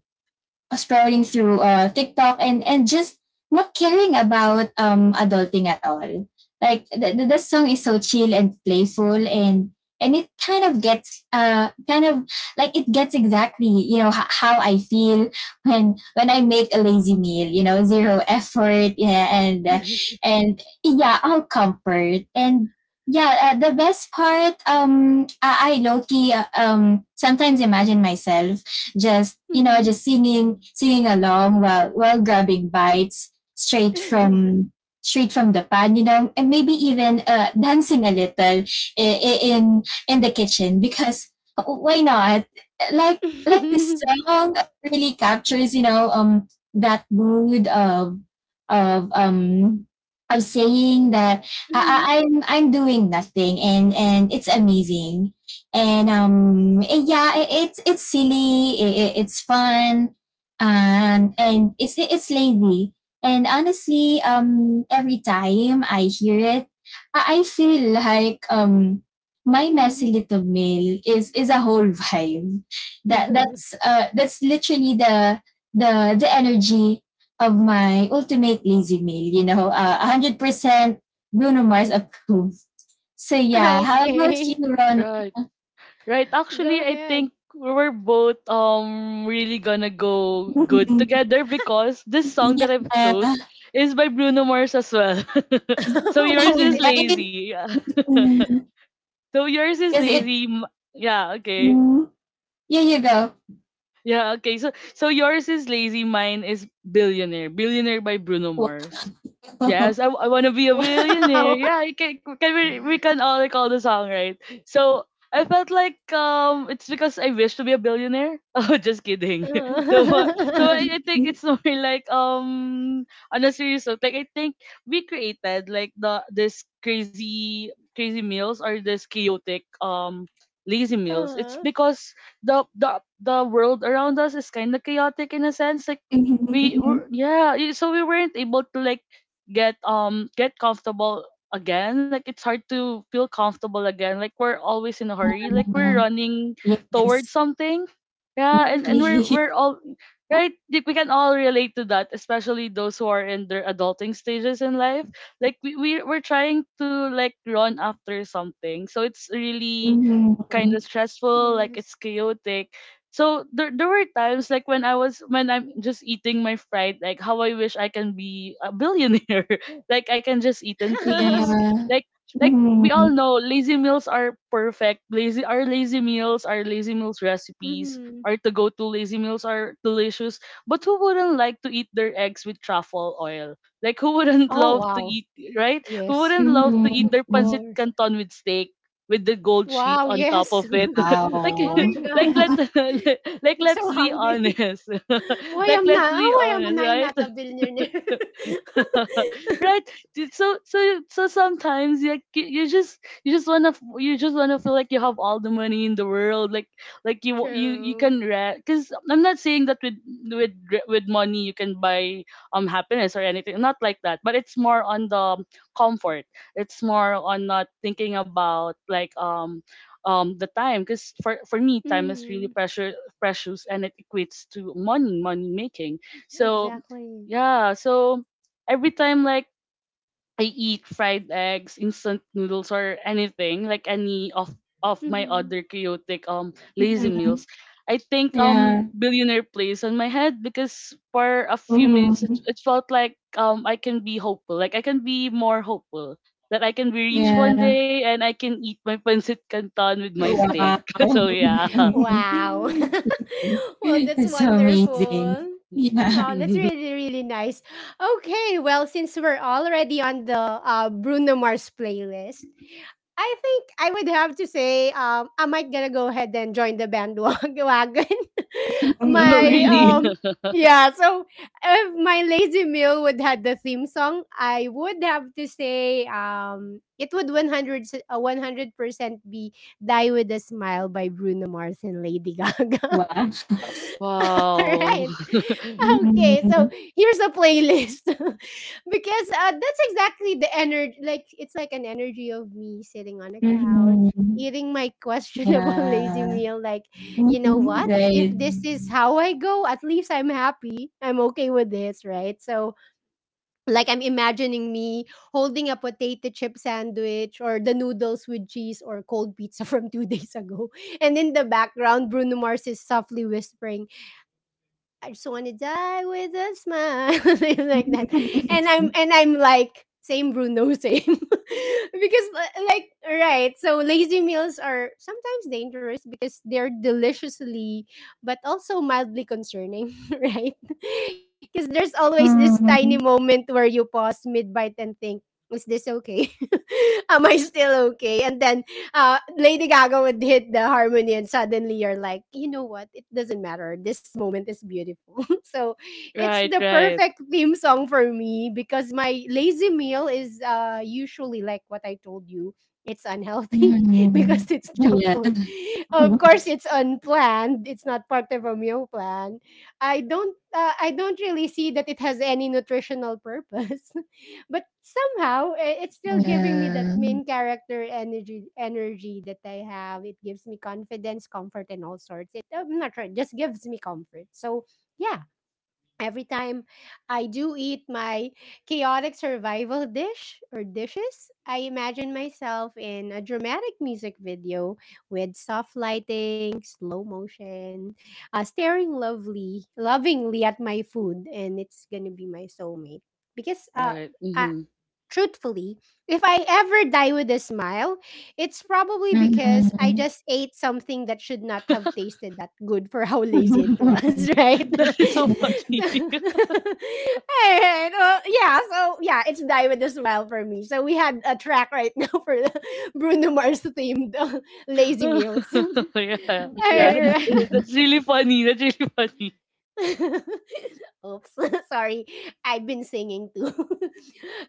B: scrolling through TikTok, and just not caring about adulting at all. Like, the song is so chill and playful, and it kind of gets like, it gets exactly, you know, how I feel when I make a lazy meal. You know, zero effort, yeah. And yeah, all comfort. And yeah, the best part, I low key sometimes imagine myself just, you know,
A: Mhm.
B: just singing along while grabbing bites straight from the pan, you know, and maybe even dancing a little in the kitchen, because why not? Like, this
A: *laughs*
B: song really captures, you know, that mood of of um of saying that
A: Mhm.
B: I'm doing nothing, and it's amazing. And yeah it's silly, it's fun, and it's lazy. And honestly, every time I hear it, I feel like my messy
A: Mhm.
B: little mail is a whole *laughs* vibe.
A: *laughs*
B: That's literally the energy of my ultimate lazy mail, you know. 100% Bruno Mars approved. So yeah, how about you,
A: Okay,
B: Ron?
C: Right. Right.
A: *laughs*
C: Actually,
A: go
C: I think
A: ahead.
C: we're both really gonna go good
B: Mhm.
C: together because this song
B: Yeah.
C: that I've
B: Actually,
C: chose
B: right?
C: is by Bruno Mars as well. *laughs* So
A: *laughs*
C: yours
A: What
C: is
A: would it be?
C: lazy. Yeah. *laughs*
B: Mm.
C: So yours is
B: Because it
C: lazy. Yeah. Okay.
B: Mm. Yeah, you go.
C: Yeah. Okay. So so yours is lazy. Mine is billionaire. Billionaire by Bruno
B: Wow.
C: Mars. Yes, I want to be a
A: Wow. *laughs*
C: millionaire. Yeah, can we can all recall the song, right? So I felt like it's because I wish to be a billionaire. *laughs* Oh, just kidding. *laughs* So so
A: Uh, *laughs*
C: I think
B: *laughs*
C: it's *laughs* more like on a serious note, like I think we created like the this crazy crazy meals or this chaotic lazy meals. It's
A: uh,
C: because the world around us is kind of chaotic in a sense, like
B: Mhm,
C: we were
B: mhm,
C: yeah y- so we weren't able to like get comfortable again. Like it's hard to feel comfortable again, like we're always in a hurry, like we're
B: mhm.
C: running
B: Yeah.
C: towards
B: Yes.
C: something. Yeah, and
A: mm-hmm.
C: we're
B: *laughs*
C: we're all right. Like, we can all relate to that, especially those who are in their adulting stages in life. Like we, we're trying to like run after something, so it's really kind
B: Mhm.
C: of stressful, like
A: Yes.
C: it's chaotic. So there were times like when I'm just eating my fried, like how I wish I can be a billionaire. *laughs* Like I can just eat in
A: *laughs*
C: peace.
B: Yeah.
C: like like we all
B: Mhm.
C: know lazy meals are perfect lazy our lazy meals recipes,
A: Mm-hmm.
C: our to go to lazy meals are delicious, but who wouldn't like to eat their eggs with truffle oil, like who wouldn't *laughs*
A: Oh,
C: love to
A: wow.
C: eat, right, who
A: Yes.
C: wouldn't love to eat
A: Of
C: their
B: Mhm.
C: pancit
A: course.
C: canton with steak with the gold sheet
A: Wow,
C: on top
A: yes.
C: of
A: *laughs*
C: it. *laughs* Like
A: Oh
B: Wow.
C: *laughs*
A: my
C: like
A: God. *laughs*
C: let's *laughs* like
A: I'm
C: let's
A: so
C: be
A: hungry.
C: honest. *laughs*
A: *laughs* Why
C: Like
A: am
C: let's
A: not? Oh,
C: be
A: why am
C: honest,
A: I
C: right?
A: not a billionaire?
C: *laughs*
A: *laughs*
C: Right. Dude, so so so sometimes you, like, you just you just wanna feel like you have all the money in the world, like you you
A: True.
C: can rent, because I'm not saying that with money you can buy happiness or anything, not like that, but it's more on the comfort. It's more on not thinking about like the time, because for me time is really
A: Mm-hmm.
C: precious and it equates to money money making. So
A: Exactly.
C: yeah, so every time like I eat fried eggs, instant noodles, or anything like any of my
A: Hmm.
C: other chaotic lazy
B: Mhm.
C: meals, I think
B: Yeah.
C: billionaire plays on my head because for a few minutes it,
B: Mhm.
C: it felt like I can be hopeful, like I can be more hopeful that I can be rich one
B: Yeah.
A: Mm-hmm.
C: day and I can eat my pancit canton with my steak.
B: Wow.
C: *laughs* So yeah. *laughs*
A: Wow. *laughs* Well,
B: *laughs*
A: that's
B: That's so amazing.
A: wonderful.
B: Yeah.
A: Wow, that's really, really nice. Okay, well, since we're already on the Bruno Mars playlist, I think I would have to say I might gonna go ahead and join the bandwagon. *laughs*
C: Oh
A: my
C: really?
B: Mhm.
C: *laughs*
A: yeah, so if my lazy meal would had the theme song, I would have to say it would 100% be Die with a Smile by Bruno Mars and Lady Gaga. *laughs*
B: Wow.
A: All right.
C: Wow. *laughs*
A: Okay, so
B: Mhm.
A: here's a playlist *laughs* because that's exactly the energy. Like it's like an energy of me sitting on the couch,
B: Mhm.
A: eating my questionable *laughs* lazy
B: Yeah.
A: meal. Like, you know
B: Mhm.
A: what? If
B: Right.
A: this is how I go, at least I'm happy. I'm okay with this, right? So like I'm imagining me holding a potato chip sandwich or the noodles with cheese or cold pizza from 2 *laughs* days ago. And in the background, Bruno Mars is softly whispering, I just want to die with a smile, *laughs* something like that.
B: Mhm.
A: And I'm like same Bruno, same. *laughs* Because like, right. So lazy meals are sometimes dangerous because they're deliciously but also mildly concerning, *laughs* right? Because there's always this tiny moment where you pause mid bite and think. Is this okay? *laughs* Am I still okay? And then *laughs* Lady Gaga would hit the harmony, and suddenly you're like, you know what? It doesn't matter. This moment is beautiful. *laughs* So it's
C: Right,
A: the
C: right,
A: perfect theme song for me because my lazy meal is usually like what I told you. It's unhealthy *laughs*
B: Mhm.
A: because it's junk
B: Yeah.
A: food. Of course, it's unplanned. It's not part of a meal plan. I don't. I don't really see that it has any nutritional purpose. *laughs* But somehow, it's still giving me that
B: Yeah.
A: main character energy that I have. It gives me confidence, comfort, and all sorts. It Oh, I'm not sure. It just gives me comfort. So yeah, every time I do eat my chaotic survival dish or dishes, I imagine myself in a dramatic music video with soft lighting, slow motion, staring lovingly at my food, and it's gonna be my soulmate because.
C: right.
A: I, truthfully, if I ever die with a smile, it's probably because I
B: Mhm.
A: just ate something that should not have
C: *laughs*
A: tasted that good for *laughs* how lazy it was, *laughs* right?
C: That is so
A: *laughs*
C: funny.
A: so,
C: *laughs*
A: *laughs* Alright. Well, yeah, yeah, it's die with a smile for me. So we had a track right *laughs* now for the Bruno Mars themed *laughs* lazy meals. *laughs*
C: Yeah,
A: All
C: yeah,
B: Yeah.
A: right.
C: that's really funny. That's really funny.
A: *laughs* Oops, *laughs* sorry. I've been singing too. *laughs*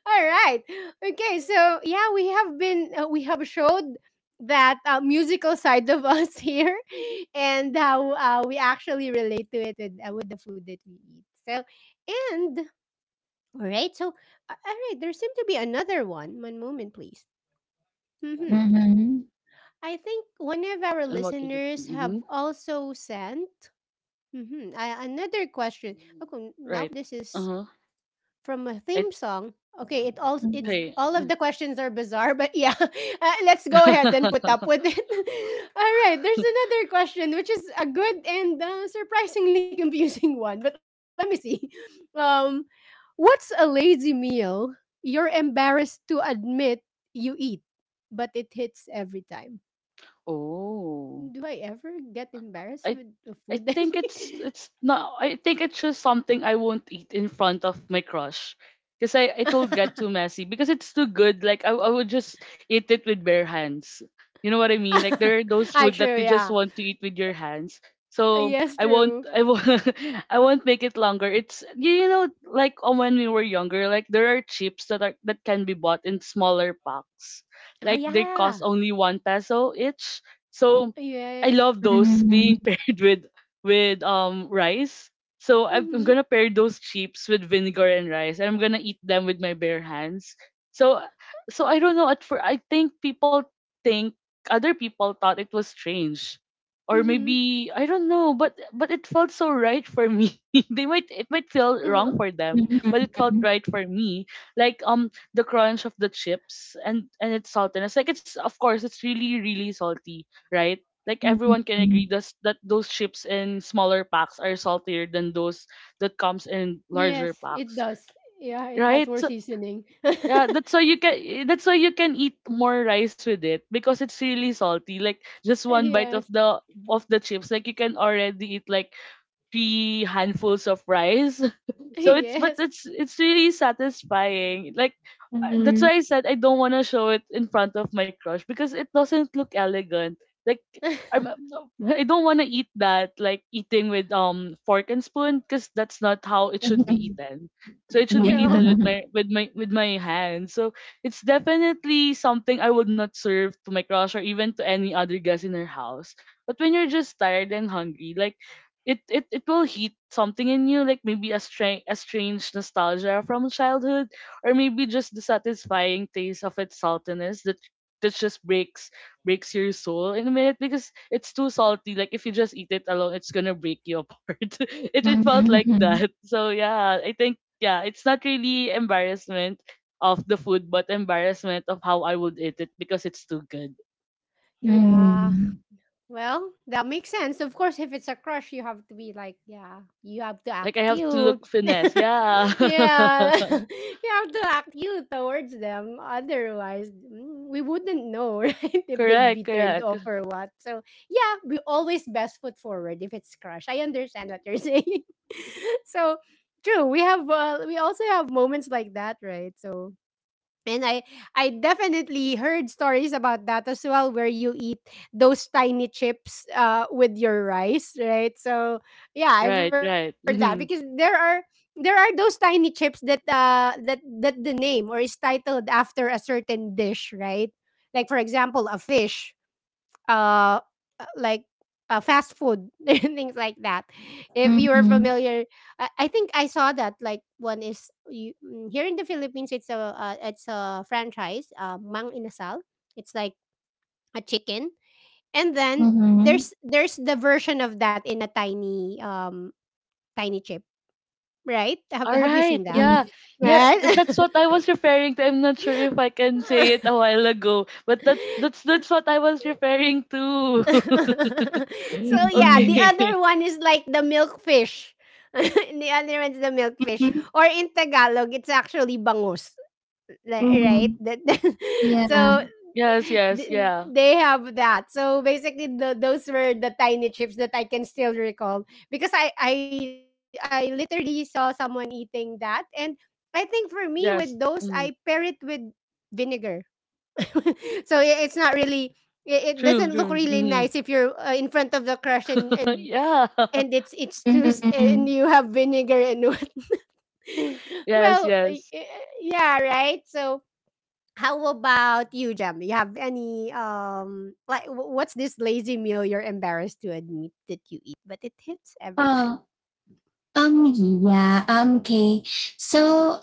A: All right. Okay, so yeah, we have showed that musical side of us *laughs* here and how we actually relate to it with the food that we eat. So, and all right. So, all right, there seemed to be another one. One moment, please. Mhm.
B: Mhm.
A: I think one of our
C: And what was it?
A: listeners
C: Mm-hmm.
A: have also sent mhm, another question. Okay, now
C: Right.
A: this
C: Uh
A: is
C: huh.
A: from a
C: I
A: theme song. Okay,
B: Mhm.
A: it's
B: Mhm.
C: Okay.
A: all of the questions are bizarre, but yeah, *laughs* let's go ahead and put up with
C: *laughs*
A: it. *laughs* All right, there's another question, which is a good and surprisingly *laughs* confusing one. But let me see. *laughs* Um, what's a lazy meal you're embarrassed to admit you eat, but it hits every time?
C: Oh.
A: Do I ever get embarrassed
C: I
A: with the
C: I
A: food I
C: think it's not. I think it's just something I won't eat in front of my crush. Because I, it
A: make?
C: will get
A: *laughs*
C: too messy. Because it's too good. Like I would just eat it with bare hands. You know what I mean? Like there are
A: *laughs*
C: those
A: I
C: food that
A: true,
C: you just
A: yeah.
C: want to eat with your hands. So
A: Yes,
C: I won't
A: true.
C: I won't *laughs* I won't make it longer. It's you know like when we were younger, like there are chips that are that can be bought in smaller packs.
A: Oh
C: Like they cost
A: yeah.
C: only one peso each. So I
A: Yeah.
C: love those
B: Mhm.
C: being *laughs* paired with with rice. So I'm
A: Mhm.
C: gonna pair those chips with vinegar and rice, and I'm gonna eat them with my bare hands. So so I don't know. At for I think people think other people thought it was strange, or
A: Mhm.
C: maybe I don't know. But it felt so right for me. *laughs* They
A: Uh-huh.
C: might it might feel wrong for them, but it felt right for me. Like the crunch of the chips and its saltiness. Like it's of course it's really really salty, right? Like everyone can agree thus, that those chips in smaller packs are saltier than those that comes in larger
A: Yes, it
C: packs,
A: does. Yeah, it has
C: right?
A: more
C: So,
A: seasoning. *laughs*
C: yeah, that's why you can, that's why you can eat more rice with it because it's really salty. Like just one bite
A: Yes.
C: of the chips, like you can already eat like three handfuls of rice. *laughs*
A: *laughs*
C: So it's but
A: Yes.
C: it's really satisfying. Like
B: Mhm.
C: that's why I
B: Mhm.
C: said I don't want to show it in front of my crush because it doesn't look elegant. Like
A: *laughs*
C: I'm, I don't want to eat that like eating with fork and spoon, because that's not how it should be eaten. So it should be eaten
A: True.
C: with
B: Yeah.
C: my hands. So it's definitely something I would not serve to my crush or even to any other guest in her house. But when you're just tired and hungry, like it will hit something in you, like maybe a strange nostalgia from childhood, or maybe just the satisfying taste of its saltiness that just breaks your soul in a minute because it's too salty. Like if you just eat it alone it's gonna break you apart. *laughs* It felt like
B: Mhm.
C: that. So yeah, I think yeah, it's not really embarrassment of the food, but embarrassment of how I would eat it because it's too good.
B: Mhm.
A: Yeah.
B: Mhm.
A: Well, that makes sense. Of course, if it's a crush, you have to be like, yeah, you have to
C: Like
A: act
C: I have to
A: cute.
C: look finesse, yeah.
A: *laughs* Yeah, *laughs* you have to act cute towards them. Otherwise, we wouldn't know, *laughs* right?
C: *laughs*
A: If they'd
C: Correct,
A: be turned
C: correct.
A: off or what. So, yeah, we always best foot forward if it's crush. I understand what you're saying. *laughs* so, true. We have, we also have moments like that, right? So, and I definitely heard stories about that as well where you eat those tiny chips with your rice, right? So yeah, I've
C: Right,
A: heard that
C: right.
A: because there
C: Mhm.
A: are there are those tiny chips that that the name or is titled after a certain dish, right? Like for example, a fish uh uh, like fast food *laughs* and things like that if you are
B: Mhm.
A: familiar. I think I saw that like one is you, here in the Philippines it's a franchise Mang Inasal. It's like a chicken, and then
B: Mhm.
A: there's the version of that in a tiny tiny chip, right? You
C: All
A: have you
C: right.
A: seen that,
C: Yeah.
B: Mhm.
C: Yeah,
A: right?
C: that's what I was referring to. I'm not sure if I can say it a while ago, but that's
A: *laughs*
C: that's what I was referring to.
A: *laughs* So
C: *laughs*
A: yeah, the
B: Ừm,
C: Okay. *laughs*
A: other one is like the milkfish. *laughs* The other one's the milkfish,
B: ừm,
A: or in Tagalog, it's actually bangus, right?
B: ừm,
A: That. *laughs* So
B: yeah,
C: Yes, yes,
A: th-
C: yeah.
A: they have that. So basically, those were the tiny chips that I can still recall because I literally saw someone eating that, and I think for me with
C: Yes.
A: those, I
C: Mm.
A: pair it with vinegar. *laughs* So it's not really it
C: True,
A: doesn't look
C: true.
A: really nice if you're in front of the crush and
C: *laughs*
A: and
C: Yeah.
A: and
C: *laughs*
A: it's
B: mhm,
A: and
B: mhm.
A: you have vinegar and what. *laughs*
C: Yes,
A: well y-
C: yes.
A: y- yeah right? So how about you, Jem? You have any like what's this lazy meal you're embarrassed to admit that you eat, but it hits every time?
B: Oh, um, yeah, okay. So,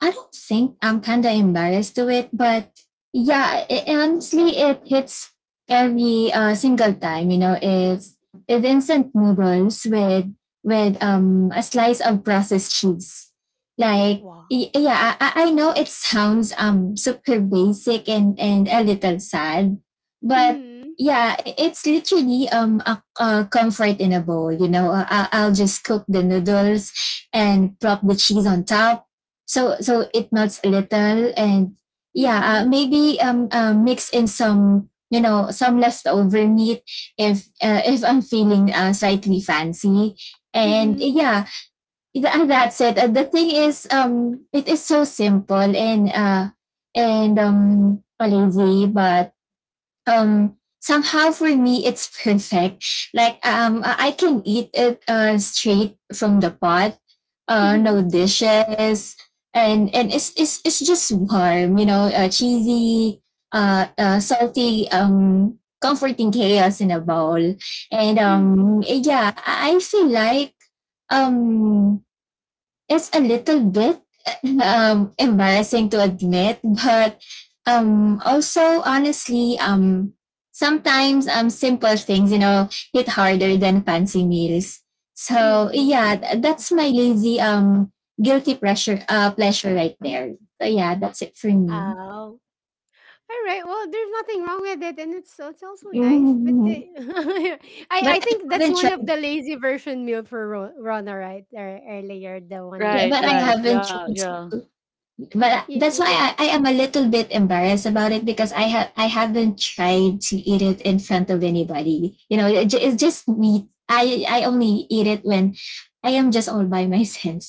B: I don't think I'm kind of embarrassed to it, but yeah, honestly, it hits every single time. You know, it's instant noodles with a slice of processed cheese. Like,
A: Wow.
B: yeah, I know it sounds super basic and a little sad, but
A: Mm.
B: yeah, it's literally a comfort in a bowl. You know, I'll just cook the noodles and prop the cheese on top. So it melts a little, and yeah,
A: Mm.
B: maybe mix in some, you know, some leftover meat if I'm feeling slightly fancy. And
A: Mm.
B: yeah, that's it. The thing is, it is so simple and lazy, but somehow for me it's perfect. Like, I can eat it straight from the pot, no
A: Mm.
B: dishes, and it's just warm, you know, cheesy, salty, comforting chaos in a bowl. And
A: Mm. Mm.
B: yeah, I feel like um it's a little bit embarrassing to admit, but also honestly, sometimes, simple things, you know, hit harder than fancy meals. So
A: Mm.
B: yeah, that's my lazy guilty pressure pleasure right there. So yeah, that's it for me. *laughs*
A: Oh. All right. Well, there's nothing wrong with it, and it's also nice. But
B: Mhm.
A: they, *laughs* I
B: But
A: think
B: I
A: that's
B: haven't
A: one of
B: tried.
A: the lazy version meal for Rona, right? Or earlier, the one
B: Yeah,
A: with
C: Right,
B: but I
C: right.
A: cheese.
B: haven't
C: Yeah,
B: tried.
C: yeah.
B: But that's why
A: Y-
B: I,
A: y-
B: I am a little bit embarrassed about it, because I haven't tried to eat it in front of anybody. You know, it's just me. I only eat it when I am just all by *laughs* myself.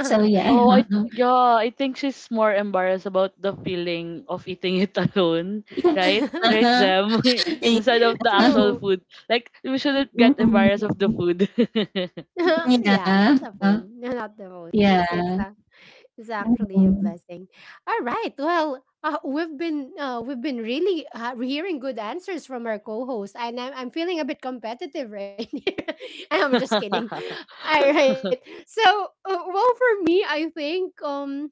B: So yeah.
C: Oh,
B: *laughs*
C: yeah, I think she's more embarrassed about the feeling of eating it *laughs* alone, right? Right,
A: *laughs*
C: Jem? *laughs* Instead of the actual
B: uh
A: True.
C: food. Like we shouldn't get embarrassed of the food.
A: *laughs* Yeah, not the phone. *laughs* Not the phone.
B: yeah.
A: It's
B: Mm-hmm. Yeah.
A: actually a
B: Mhm.
A: blessing. All right. Well, we've been really hearing good answers from our co-host, and I'm feeling a bit competitive right *laughs* here. I'm just kidding. All right.
C: *laughs*
A: So, well, for me, I think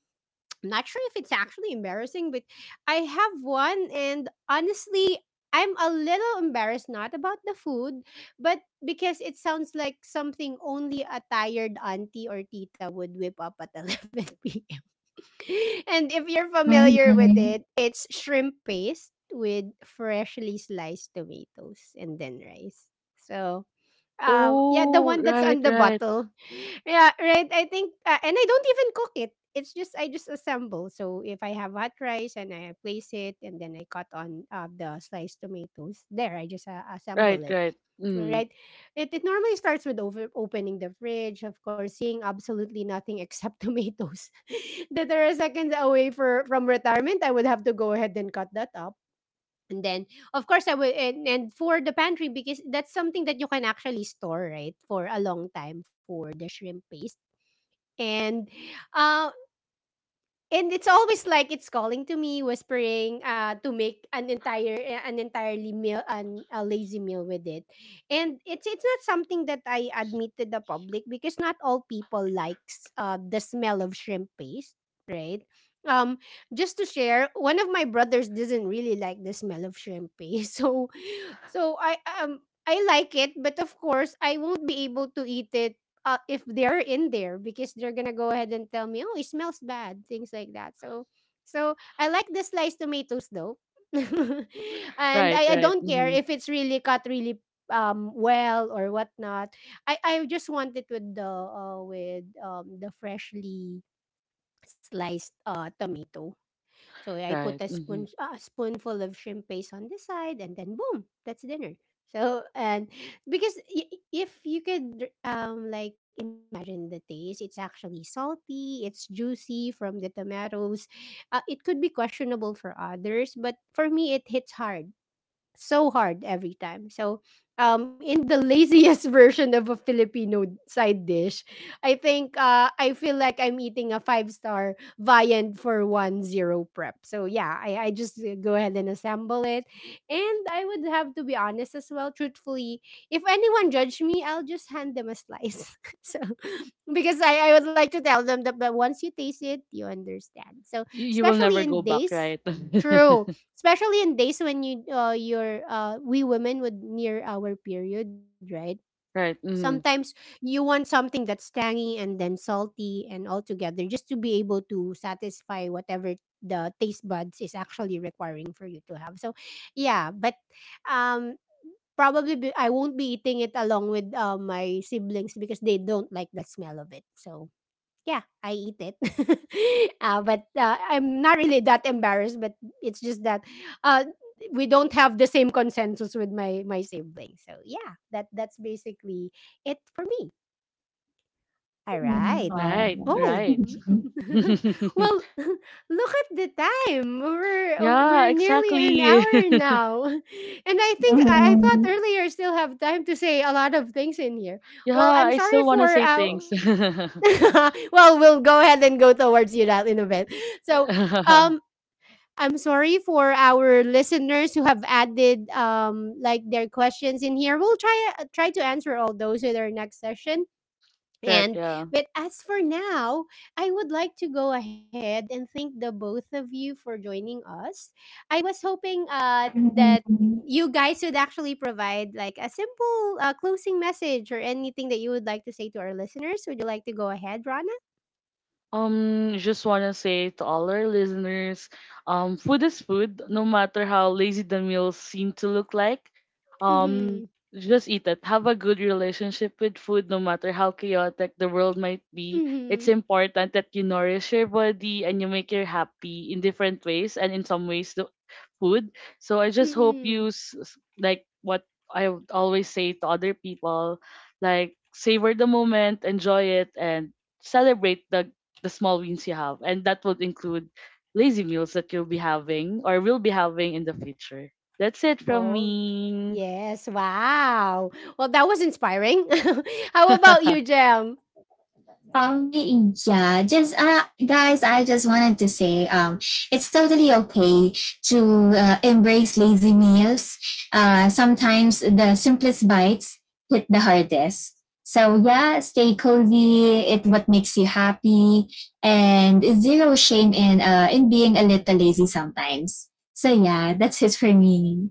A: I'm not sure if it's actually embarrassing, but I have one, and honestly, I'm a little embarrassed not about the food, but because it sounds like something only a tired auntie or tita would whip up at *laughs* 11 p.m. *laughs* and if you're familiar with it,
B: Mhm.
A: it's shrimp paste with freshly sliced tomatoes and then rice. So, yeah, the
C: Oh,
A: one that's
C: right,
A: on the
C: right,
A: bottle. *laughs* Yeah, right. I think, and I don't even cook it. It's just I just assemble. So if I have hot rice and I place it, and then I cut on the sliced tomatoes, there I just
C: right,
A: assemble it,
C: right. Mm,
A: right? It normally starts with over opening the fridge, of course, seeing absolutely nothing except *laughs* tomatoes *laughs* that are seconds away for from retirement. I would have to go ahead and cut that up. And then, of course, I would and for the pantry because that's something that you can actually store, right, for a long time for the shrimp paste. And uh, and it's always like it's calling to me, whispering to make an entirely meal an a lazy meal with it. And it's not something that I admit to the public because not all people likes the smell of shrimp paste, right? Um, just to share, one of my brothers doesn't really like the smell of shrimp paste. *laughs* So I like it, but of course, I won't be able to eat it if they're in there because they're gonna go ahead and tell me, oh, it smells bad, things like that. So, so I like the sliced tomatoes though, *laughs* and
C: right,
A: I
C: right,
A: don't care
C: mm-hmm,
A: if it's really cut really well or whatnot. I just want it with the freshly sliced tomato. So I
C: right.
A: put
C: Mm-hmm.
A: a spoonful of shrimp paste on the side, and then boom, that's dinner. So, and because if you could like imagine the taste, it's actually salty, it's juicy from the tomatoes. It could be questionable for others, but for me, it hits hard, so hard every time. So, in the laziest *laughs* version of a Filipino side dish, I think I feel like I'm eating a five-star viand for one zero prep. So yeah, I just go ahead and assemble it, and I would have to be honest as well. Truthfully, if anyone judge me, I'll just hand them a slice. *laughs* So because I would like to tell them that, but once you taste it, you understand. So,
C: You will
A: especially
C: never
A: in
C: go back,
A: days.
C: right?
A: True,
C: *laughs*
A: especially in days when you your we women would near our period, right?
C: Right,
A: Sometimes you want something that's tangy and then salty and all together just to be able to satisfy whatever the taste buds is actually requiring for you to have. So yeah, but um I won't be eating it along with my siblings because they don't like the smell of it. So yeah, I eat it. *laughs* But I'm not really that embarrassed. But it's just that uh, we don't have the same consensus with my siblings. So yeah, that that's basically it for me. All
B: Mhm.
A: right.
C: right,
A: Oh, *laughs*
C: right. *laughs*
A: well, *laughs* look at the time.
C: Yeah,
A: We're nearly an
C: exactly.
A: hour
C: *laughs*
A: now, *laughs* and I think I thought
B: Mhm.
A: earlier still have time to say a lot of things in here.
C: Yeah,
A: Well, I'm
C: I
A: sorry
C: still want to
A: for
C: say things. *laughs*
A: *laughs* well, we'll go ahead and go towards you that in a bit. So, um, I'm sorry for our listeners who have added like their questions in here. We'll try try to answer all those in our next session.
C: Correct,
A: And
C: yeah.
A: but as for now, I would like to go ahead and thank the both of you for joining us. I was hoping that
B: Mhm.
A: you guys would actually provide like a simple closing message or anything that you would like to say to our listeners. Would you like to go ahead, Rana?
C: Just wanna say to all our listeners, food is food, no matter how lazy the meals seem to look like.
A: Mhm.
C: Um, just eat it. Have a good relationship with food, no matter how chaotic the world might be. It's
A: Mhm.
C: important that you nourish your body and you make her happy in different ways and in some ways the food. So I just hope
A: Mm.
C: like what I would always say to other people, like savor the moment, enjoy it, and celebrate the small wins you have. And that would include lazy meals that you'll be having or will be having in the future. That's it from
A: Oh,
C: me.
A: yes. Wow. Well, that was inspiring. *laughs* How about you,
C: *laughs*
A: Jam?
B: Yeah, just guys, I just wanted to say, it's totally okay to embrace lazy meals. Sometimes the simplest bites hit the hardest. So yeah, stay cozy. It what makes you happy, and zero shame in being a little lazy sometimes. So yeah, that's it for me.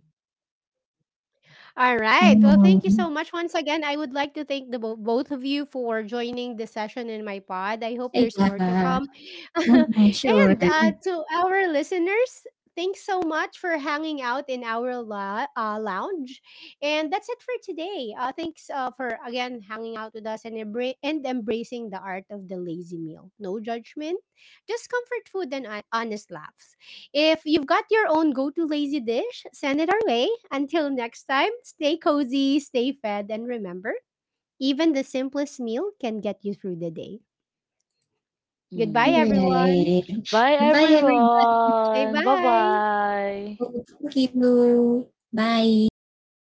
A: All right. Well, thank you so much
B: Mhm.
A: once again. I would like to thank the both of you for joining the session in my pod. I hope there's more to
B: Yeah,
A: come. *laughs*
B: mhm, sure.
A: And
B: Right.
A: to our listeners, thanks so much for hanging out in our lounge. And that's it for today. Thanks for again hanging out with us and, embracing the art of the lazy meal. No judgment, just comfort food and honest laughs. If you've got your own go to lazy dish, send it our way. Until next time, stay cozy, stay fed, and remember, even the simplest meal can get you through the day. Goodbye,
C: Mm.
A: everyone.
C: Bye,
B: Bye, everybody.
A: Say
C: everyone. Bye
A: bye.
C: bye.
B: Cô Kim Lu, bye.